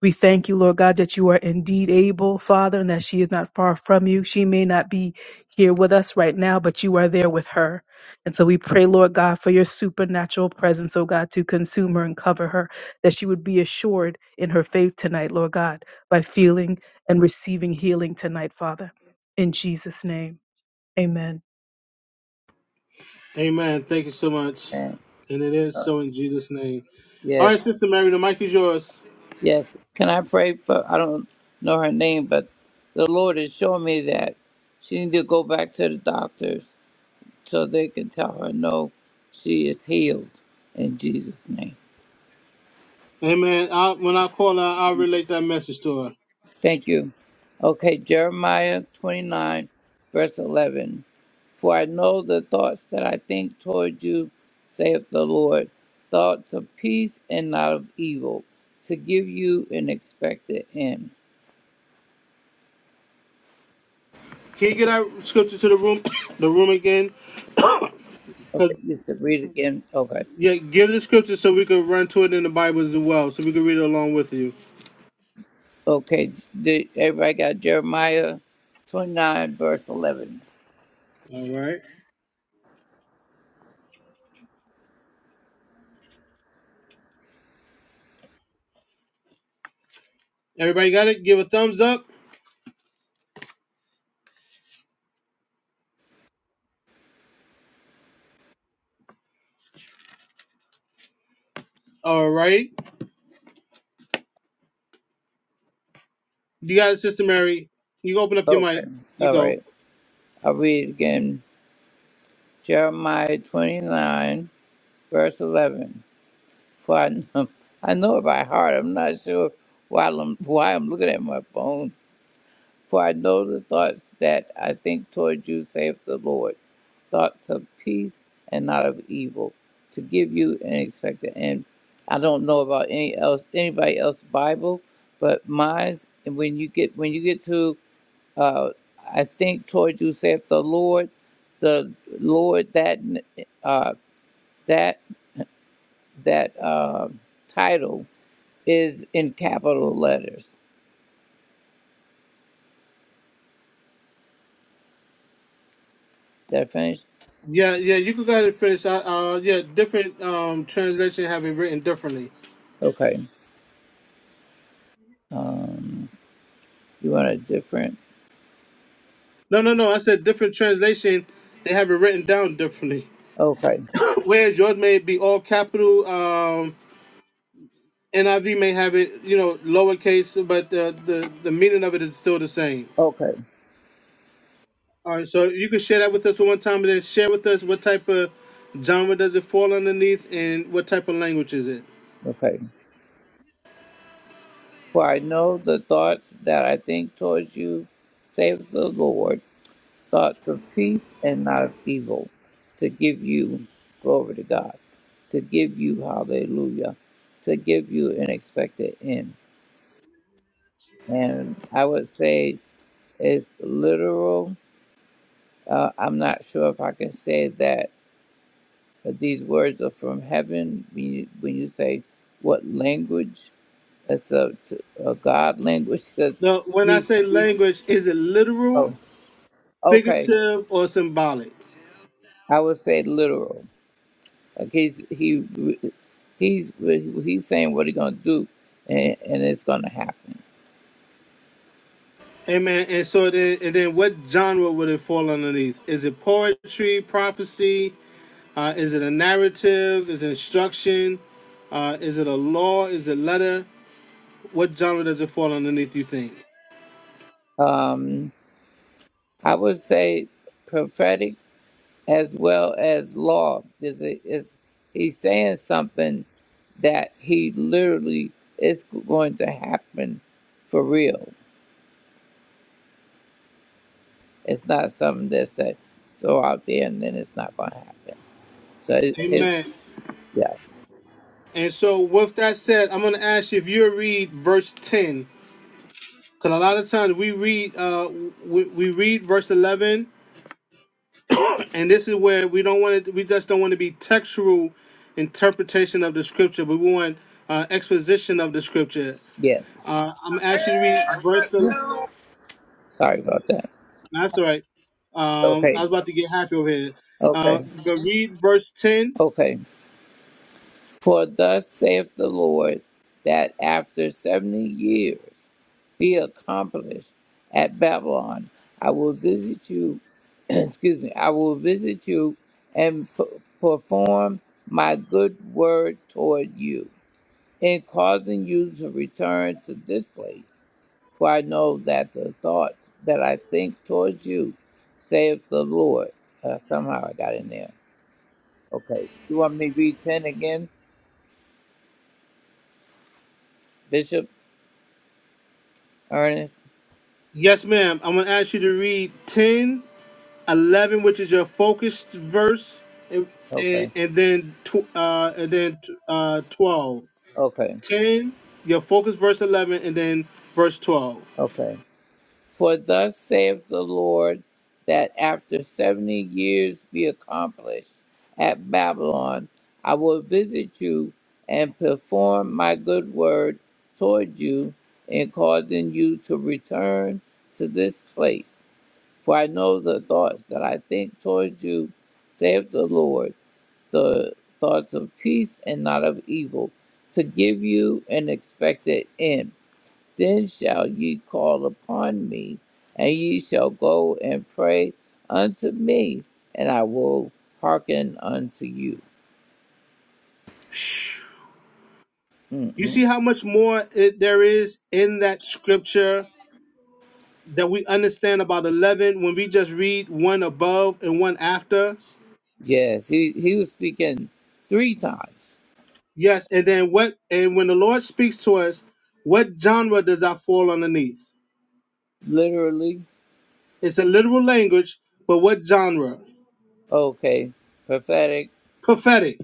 We thank you, Lord God, that you are indeed able, Father, and that she is not far from you. She may not be here with us right now, but you are there with her. And so we pray, Lord God, for your supernatural presence, oh God, to consume her and cover her, that she would be assured in her faith tonight, Lord God, by feeling and receiving healing tonight, Father. In Jesus' name, amen.
Amen. Thank you so much.
then.
And it is
Uh,
so in Jesus' name. All
Yes.
right, Sister Mary, the mic is yours.
Yes. Can I pray for, I don't know her name, but the Lord is showing me that she need to go back to the doctors so they can tell her, no, she is healed in Jesus' name.
Amen. I, when I call her, I'll relate that message to her.
Thank you. Okay, Jeremiah 29, verse 11. For I know the thoughts that I think toward you, saith the Lord, thoughts of peace and not of evil, to give you an expected end.
Can you get our scripture to the room, the room again?
Okay,
'Cause-
just to read again. Okay.
yeah, give the scripture so we can run to it in the Bible as well, so we can read it along with you.
Okay, did everybody got Jeremiah 29, verse 11?
All right. Everybody got it? Give a thumbs up. All right. You got it, Sister Mary. You can open up your
Okay.
mic. You
All
go.
right. I'll read it again. Jeremiah 29, verse 11. For I know, I know it by heart. I'm not sure why I'm, why I'm looking at my phone. For I know the thoughts that I think toward you, saith the Lord, thoughts of peace and not of evil, to give you an expected end. I don't know about any else, anybody else Bible, but mine's. And when you get when you get to, uh, I think toward you, saith the Lord, the Lord that uh, that that uh, title is in capital letters. Did I finish?
Yeah, yeah, you can go ahead and finish. Uh, uh yeah, different um translation have it written differently.
Okay. Um, you want a different?
No, no, no. I said different translation. They have it written down differently.
Okay,
Whereas yours may be all capital. Um, NIV may have it, you know, lowercase, but the the, the meaning of it is still the same.
okay,
All right, so you can share that with us for one time, and then share with us what type of genre does it fall underneath, and what type of language is it.
okay. For I know the thoughts that I think towards you, saith the Lord, thoughts of peace and not of evil, to give you glory to God, to give you hallelujah, to give you an expected end. And I would say it's literal. Uh, I'm not sure if I can say that But these words are from heaven. When you, when you say what language, that's a, a God language because
Now, when I
he's
say
he's
language, is it literal,
oh okay.
figurative, or symbolic?
I would say literal. Like he's he he's he's saying what he's gonna do, and, and it's gonna happen.
Amen. And so then, and then, what genre would it fall underneath? Is it poetry, prophecy? Uh, is it a narrative? Is it instruction? Uh, is it a law? Is it letter? What genre does it fall underneath? You think?
Um, I would say prophetic as well as law. Is it is he's saying something that he literally is going to happen for real. It's not something that's said throw out there and then it's not going to happen. So it, his
Amen.
yeah
And so, with that said, I'm going to ask you if you read verse 10, because a lot of times we read, uh, we, we read verse 11 and this is where we don't want to we just don't want to be textual interpretation of the scripture but we want uh, exposition of the scripture
yes.
uh, i'm actually to read verse the
Sorry about that.
that's all right um, i
Okay
was about to get happy over here uh,
okay
but read verse 10
okay. For thus saith the Lord that after seventy years. be accomplished at Babylon. I will visit you, excuse me, I will visit you and p- perform my good word toward you in causing you to return to this place. For I know that the thoughts that I think towards you, saith the Lord. Uh, somehow I got in there. Okay. You want me to read 10 again, Bishop Ernest?
yes ma'am i'm going to ask you to read 10 11 which is your focused verse and, and,
Okay.
and then tw- uh, and then uh, 12
Okay.
10 your focus verse 11 and then verse 12
Okay. For thus saith the Lord, that after seventy years be accomplished at Babylon, I will visit you and perform my good word toward you in causing you to return to this place. For I know the thoughts that I think toward you, saith the Lord, the thoughts of peace and not of evil, to give you an expected end. Then shall ye call upon me, and ye shall go and pray unto me, and I will hearken unto you.
You see
Mm-mm.
how much more it, there is in that scripture that we understand about 11 when we just read one above and one after?
Yes, he, he was speaking three times,
Yes, and then what and when the Lord speaks to us, what genre does that fall underneath?
literally.
It's a literal language, but what genre?
Okay, prophetic.
Prophetic.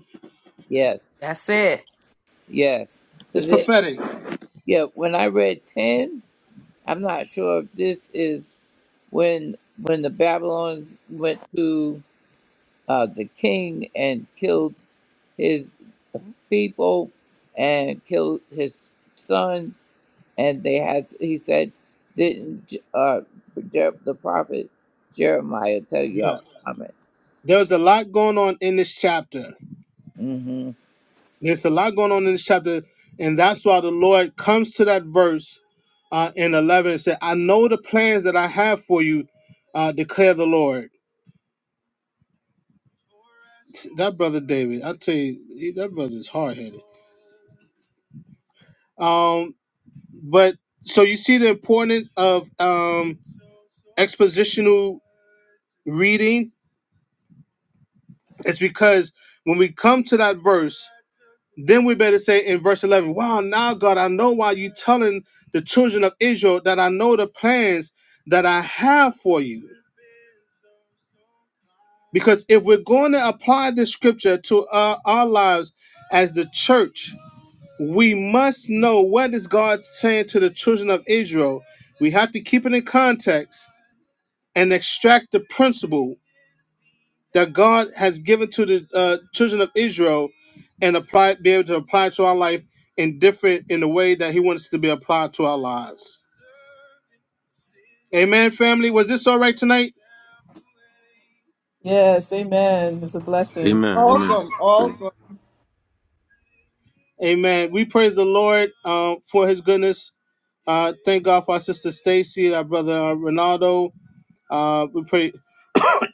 Yes,
That's it.
yes.
It's
Cause it,
prophetic.
yeah, when I read 10, I'm not sure if this is when when the Babylons went to uh, the king and killed his people and killed his sons and they had he said didn't uh Jer- the prophet jeremiah tell you i
Yeah.
was coming
There's a lot going on in this chapter.
hmm
There's a lot going on in this chapter, and that's why the Lord comes to that verse uh, in 11 and said, I know the plans that I have for you, uh, declare the Lord. That brother David, I tell you, he- that brother is hard headed. Um, but so you see the importance of um, expositional reading. It's because when we come to that verse, Then we better say in verse 11, Wow, now God, I know why you are telling the children of Israel that I know the plans that I have for you. Because if we're going to apply this scripture to our, our lives as the church, we must know what is God saying to the children of Israel. We have to keep it in context and extract the principle that God has given to the uh, children of Israel and apply be able to apply to our life in different in the way that He wants to be applied to our lives. Amen, family. Was this all right tonight?
Yes, amen. It's a blessing.
Amen. Amen.
Awesome,
That's great.
awesome.
Amen. We praise the Lord uh, for His goodness. Uh, thank God for our sister Stacy, our brother uh, Ronaldo. Uh, we pray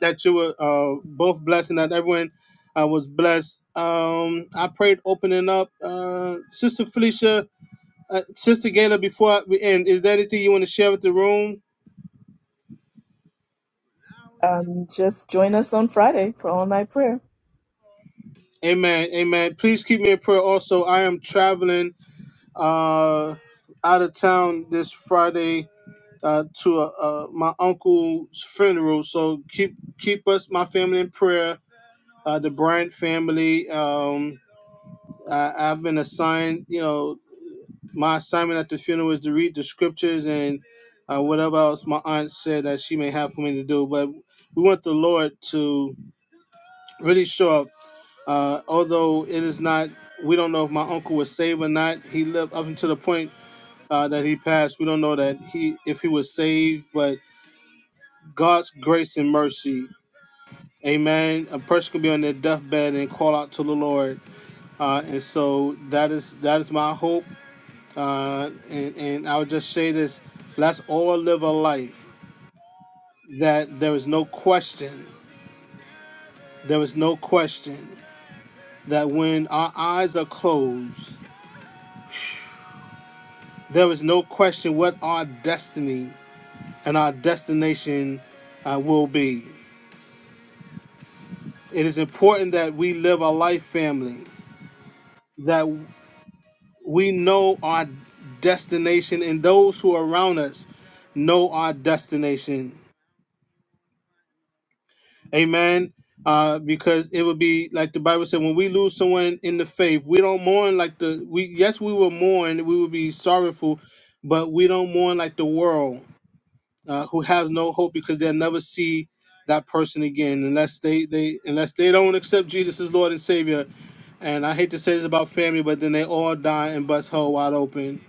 that you were uh, both blessed and that everyone uh, was blessed. Um, I prayed opening up. Uh, sister Felicia, Uh, Sister Gayla, before we end, is there anything you want to share with the room?
Um, just join us on Friday for all night prayer.
Amen. Amen. Please keep me in prayer. Also, I am traveling uh, out of town this Friday uh, to uh, uh, my uncle's funeral. So keep keep us, my family, in prayer. Uh, the Bryant family. Um, I, I've been assigned, you know, my assignment at the funeral is to read the scriptures and uh, whatever else my aunt said that she may have for me to do. But we want the Lord to. really sure. Uh, although it is not, we don't know if my uncle was saved or not. He lived up until the point uh, that he passed. We don't know that he if he was saved, but God's grace and mercy. Amen. A person can be on their deathbed and call out to the Lord, uh, and so that is that is my hope. Uh, and and I would just say this: let's all live a life that there is no question, there is no question that when our eyes are closed. There is no question what our destiny and our destination uh, will be. It is important that we live a life family, that we know our destination, and those who are around us know our destination. Amen. Uh, because it would be like the Bible said, when we lose someone in the faith, we don't mourn like the we. Yes, we will mourn. We will be sorrowful, but we don't mourn like the world. uh, who have no hope because they'll never see that person again unless they, they unless they don't accept Jesus as Lord and Savior. And I hate to say this about family, but then they all die and bust hole wide open.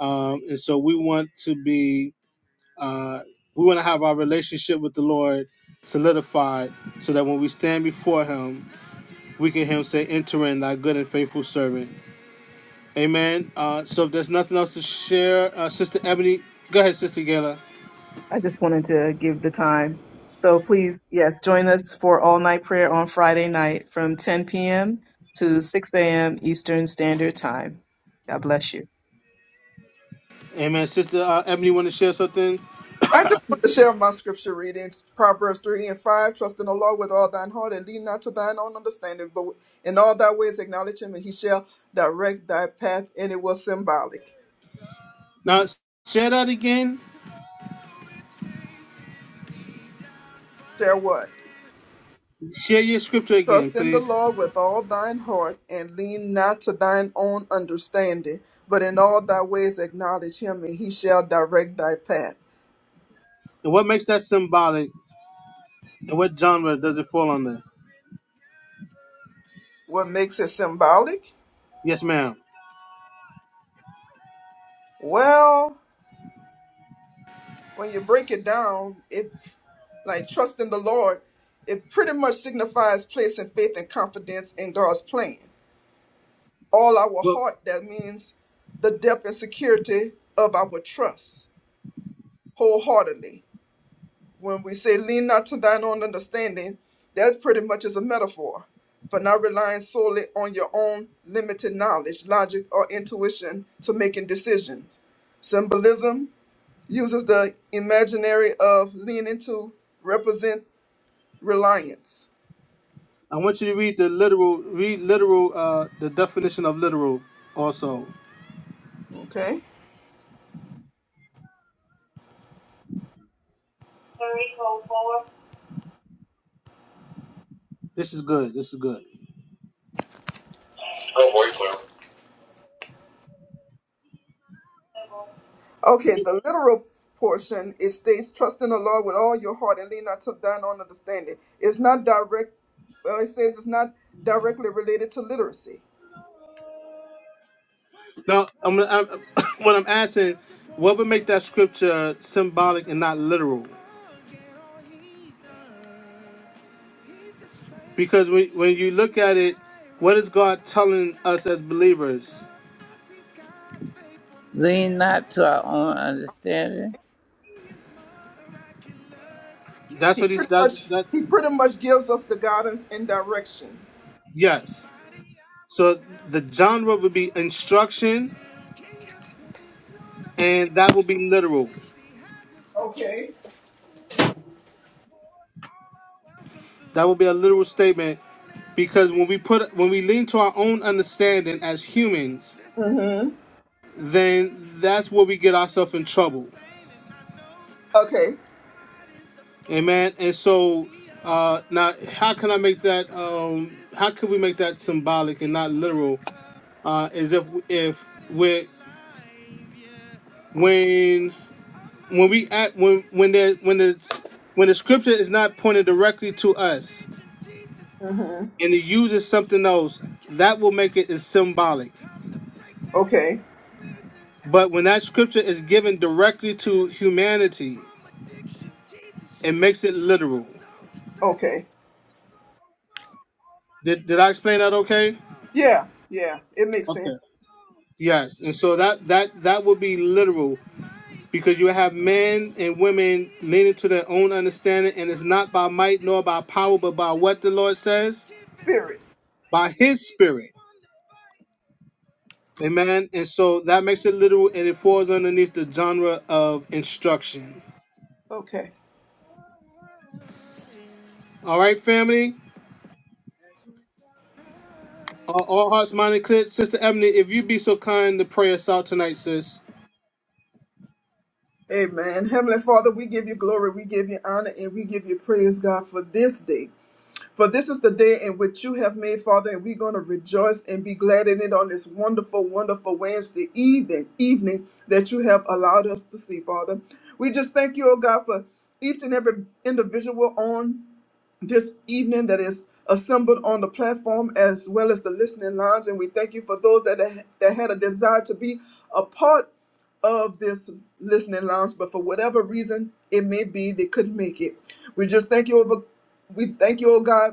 Um, and so we want to be uh, we want to have our relationship with the Lord solidified so that when we stand before him, we can hear him say, enter in thy good and faithful servant. Amen. Uh, so if there's nothing else to share, uh, Sister Ebony, go ahead, Sister Gayla.
I just wanted to give the time. So please, yes, join us for all night prayer on Friday night from 10 p.m. to 6 a.m. Eastern Standard Time. God bless you.
Amen. Sister uh, Ebony, want to share something?
I just want to share my scripture readings, Proverbs 3 and 5. Trust in the Lord with all thine heart and lean not to thine own understanding, but in all thy ways acknowledge him and he shall direct thy path. And it was symbolic.
Now, share that again.
Share what?
Share your scripture again,
Trust in the
please.
Lord with all thine heart and lean not to thine own understanding, but in all thy ways acknowledge him and he shall direct thy path.
And what makes that symbolic? And what genre does it fall under?
What makes it symbolic?
Yes, ma'am.
Well, When you break it down, it like trust in the Lord, it pretty much signifies placing faith and confidence in God's plan. All our
Well,
heart, that means the depth and security of our trust wholeheartedly. When we say lean not to thine own understanding, that pretty much is a metaphor for not relying solely on your own limited knowledge, logic, or intuition to making decisions. Symbolism uses the imaginary of leaning to represent reliance.
I want you to read the literal, read literal, uh, the definition of literal. Also,
Okay.
this is good. This is good.
Oh, boy, clear. Okay, the literal portion it states, "Trust in the Lord with all your heart and lean not to thine own understanding." It's not direct. Well, it says it's not directly related to literacy.
Now, I'm, gonna- I'm what I'm asking, what would make that scripture symbolic and not literal? Because when when you look at it, what is God telling us as believers?
lean not to our own understanding
That's
He
what he's
pretty
that
much
that.
he pretty much gives us the guidance and direction.
Yes. So the genre would be instruction, and that would be literal.
Okay.
That would be a literal statement because when we put when we lean to our own understanding as humans,
Mm-hmm.
then that's where we get ourselves in trouble.
Okay.
Amen. And so uh, now, how can I make that? Um, how can we make that symbolic and not literal? Uh, is if if we when when we act when when the when the when the scripture is not pointed directly to us
Mm-hmm.
and it uses something else, that will make it is symbolic.
Okay.
But when that scripture is given directly to humanity, it makes it literal.
Okay.
Did, did I explain that okay?
Yeah. Yeah. It makes sense.
Okay. Yes. And so that that that would be literal because you have men and women leaning to their own understanding, and it's not by might nor by power, but by what the Lord says,
Spirit.
by His Spirit. Amen. And so that makes it literal, and it falls underneath the genre of instruction.
Okay.
All right, family. Uh, all hearts, mind, and clear. Sister Ebony, if you be so kind to pray us out tonight, sis.
Amen. Heavenly Father, we give you glory, we give you honor, and we give you praise, God, for this day. For this is the day in which you have made, Father, and we're going to rejoice and be glad in it on this wonderful, wonderful Wednesday evening, evening that you have allowed us to see, Father. We just thank you, oh God, for each and every individual on this evening that is assembled on the platform as well as the listening lounge. And we thank you for those that, that had a desire to be a part of this listening lounge, but for whatever reason it may be, they couldn't make it. We just thank you over. We thank you, oh God,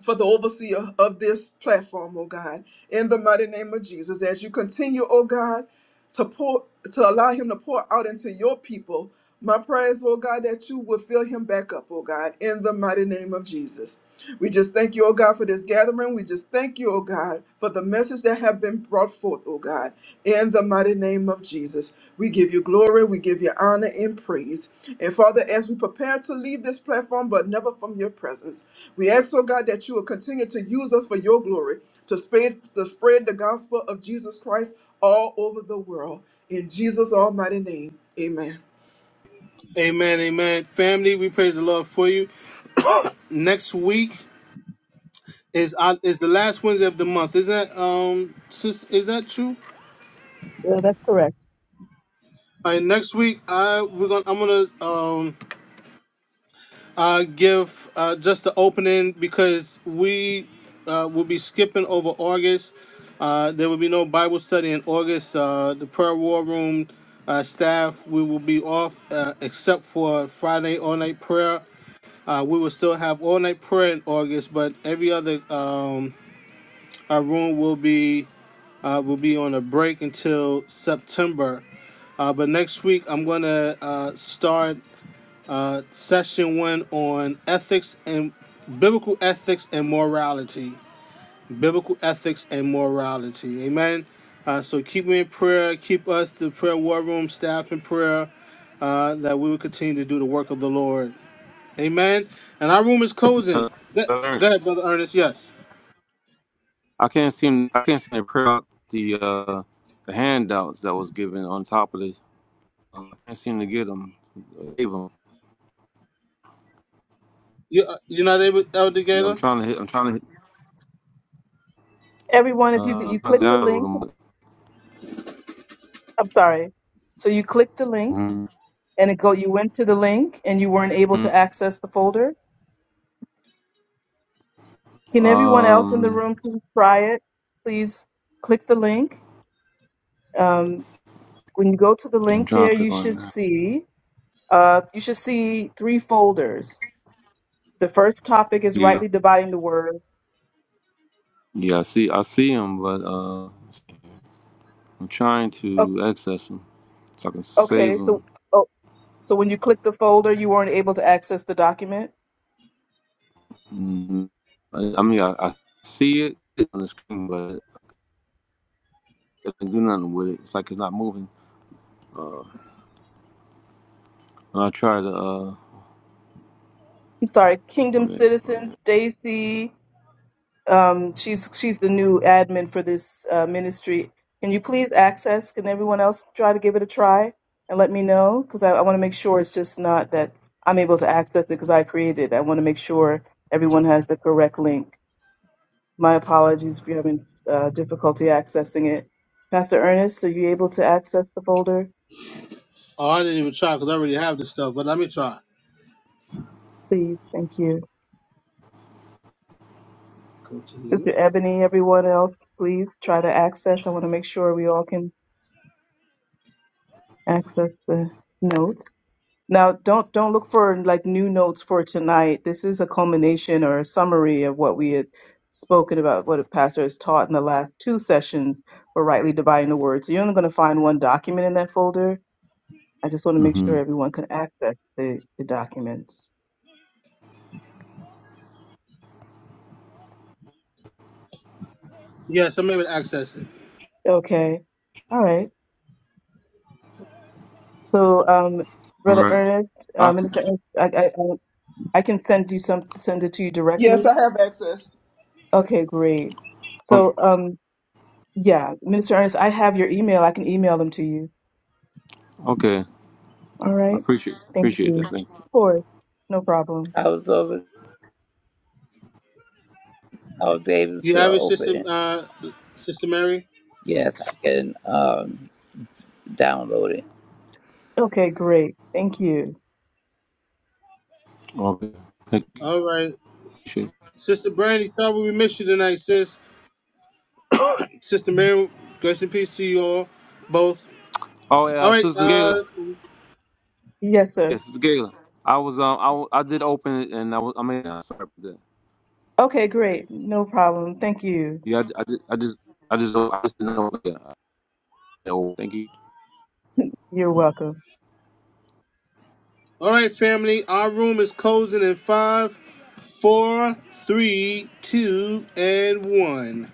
for the overseer of this platform, oh God, in the mighty name of Jesus, as you continue, oh God, to pour to allow him to pour out into your people. My prayers, oh God, that you will fill him back up, oh God, in the mighty name of Jesus. We just thank you, oh God, for this gathering. We just thank you, oh God, for the message that have been brought forth, oh God, in the mighty name of Jesus. We give you glory, we give you honor and praise. And Father, as we prepare to leave this platform, but never from your presence, we ask, oh God, that you will continue to use us for your glory to spread, to spread the gospel of Jesus Christ all over the world. In Jesus' almighty name, amen.
Amen, amen. Family, we praise the Lord for you. Next week is our, is the last Wednesday of the month. Is that um, sis, is that true?
Yeah, that's correct.
All right, next week I we're gonna I'm gonna um uh, give uh, just the opening because we uh, will be skipping over August. Uh, there will be no Bible study in August. Uh, the prayer war room uh, staff we will be off uh, except for Friday all night prayer. Uh, we will still have all night prayer in August, but every other um, our room will be uh, will be on a break until September. Uh, but next week I'm gonna uh, start uh, session one on ethics and biblical ethics and morality. Biblical ethics and morality. Amen. Uh, so keep me in prayer. Keep us, the prayer war room staff, in prayer uh, that we will continue to do the work of the Lord. Amen. And our room is closing.
Uh,
Go
I learned-
go ahead, Brother Ernest. Yes.
I can't seem. I can't seem to print out the uh, the handouts that was given on top of this. Uh, I can't seem to get them. Leave them.
You, uh, you're not able, Elder
Yeah, I'm
Gator?
trying to hit. I'm trying to hit. Uh, download
I'm sorry. So you clicked the link
them.
and it go you went to the link and you weren't able
Mhm.
to access the folder. Can everyone else in the
Um,
room please try it? Please click the link. Um, when you go to the
I'm
link
trying
there,
to
you
click on.
should
That.
see uh, you should see three folders The first topic is
Yeah.
rightly dividing the word.
Yeah. I see. I see them, but uh. I'm trying
O-
to access them so I can save
Okay,
them.
so oh, so when you click the folder, you weren't able to access the document.
Mm, I, I mean, I, I see it on the screen, but I can do nothing with it. It's like it's not moving. Uh, and I try to. Uh,
I'm sorry, Kingdom
one minute, one
Citizens,
minute.
Stacy, Um, she's she's the new admin for this uh, ministry. Can you please access? Can everyone else try to give it a try and let me know? Because I, I want to make sure it's just not that I'm able to access it because I created. it. I want to make sure everyone has the correct link. My apologies if you're having uh, difficulty accessing it. Pastor Ernest, are you able to access the folder?
Oh, I didn't even try because I already have this stuff, but let me try.
Please, thank you.
Go to link.
Sister Ebony, everyone else, please try to access. I want to make sure we all can access the note. Now, don't don't look for like new notes for tonight. This is a culmination or a summary of what we had spoken about, what a pastor has taught in the last two sessions for rightly dividing the word. So you're only going to find one document in that folder. I just want to make
Mm-hmm.
sure everyone can access the, the documents.
Yes, I'm able to access it.
Okay. All right. So, um,
All
Brother
right.
Ernest, uh,
I,
Minister Ernest, I, I, I I can send you some, send it to you
Yes,
directly.
I have access.
Okay, great.
um,
So, um, yeah, Minister Ernest, I have your email. I can email them to you.
okay.
All
I
right.
appreciate
Thank
appreciate that.
you.
Thank
Of course. No problem.
i was over i was able
You
to
have it, Sister,
open it
uh, Sister Mary?
yes i can um download it
Okay, great. Thank you.
you. Okay. Thank you.
All right.
Appreciate it.
Sister Brandy, sorry we missed you tonight, sis. Sister Mary, grace and peace to you all, both.
Oh
All
yeah,
right,
Sister
uh,
Gayla.
Yes, sir.
Yes, Sister Gayla. I was um I, w- I did open it and I was I mean uh, sorry about that.
Okay, great. No problem. Thank you.
Yeah, I, I, did, I just I just I just didn't know. Yeah. Oh, thank you.
You're welcome.
all right, family. Our room is closing in five, four, three, two, and one.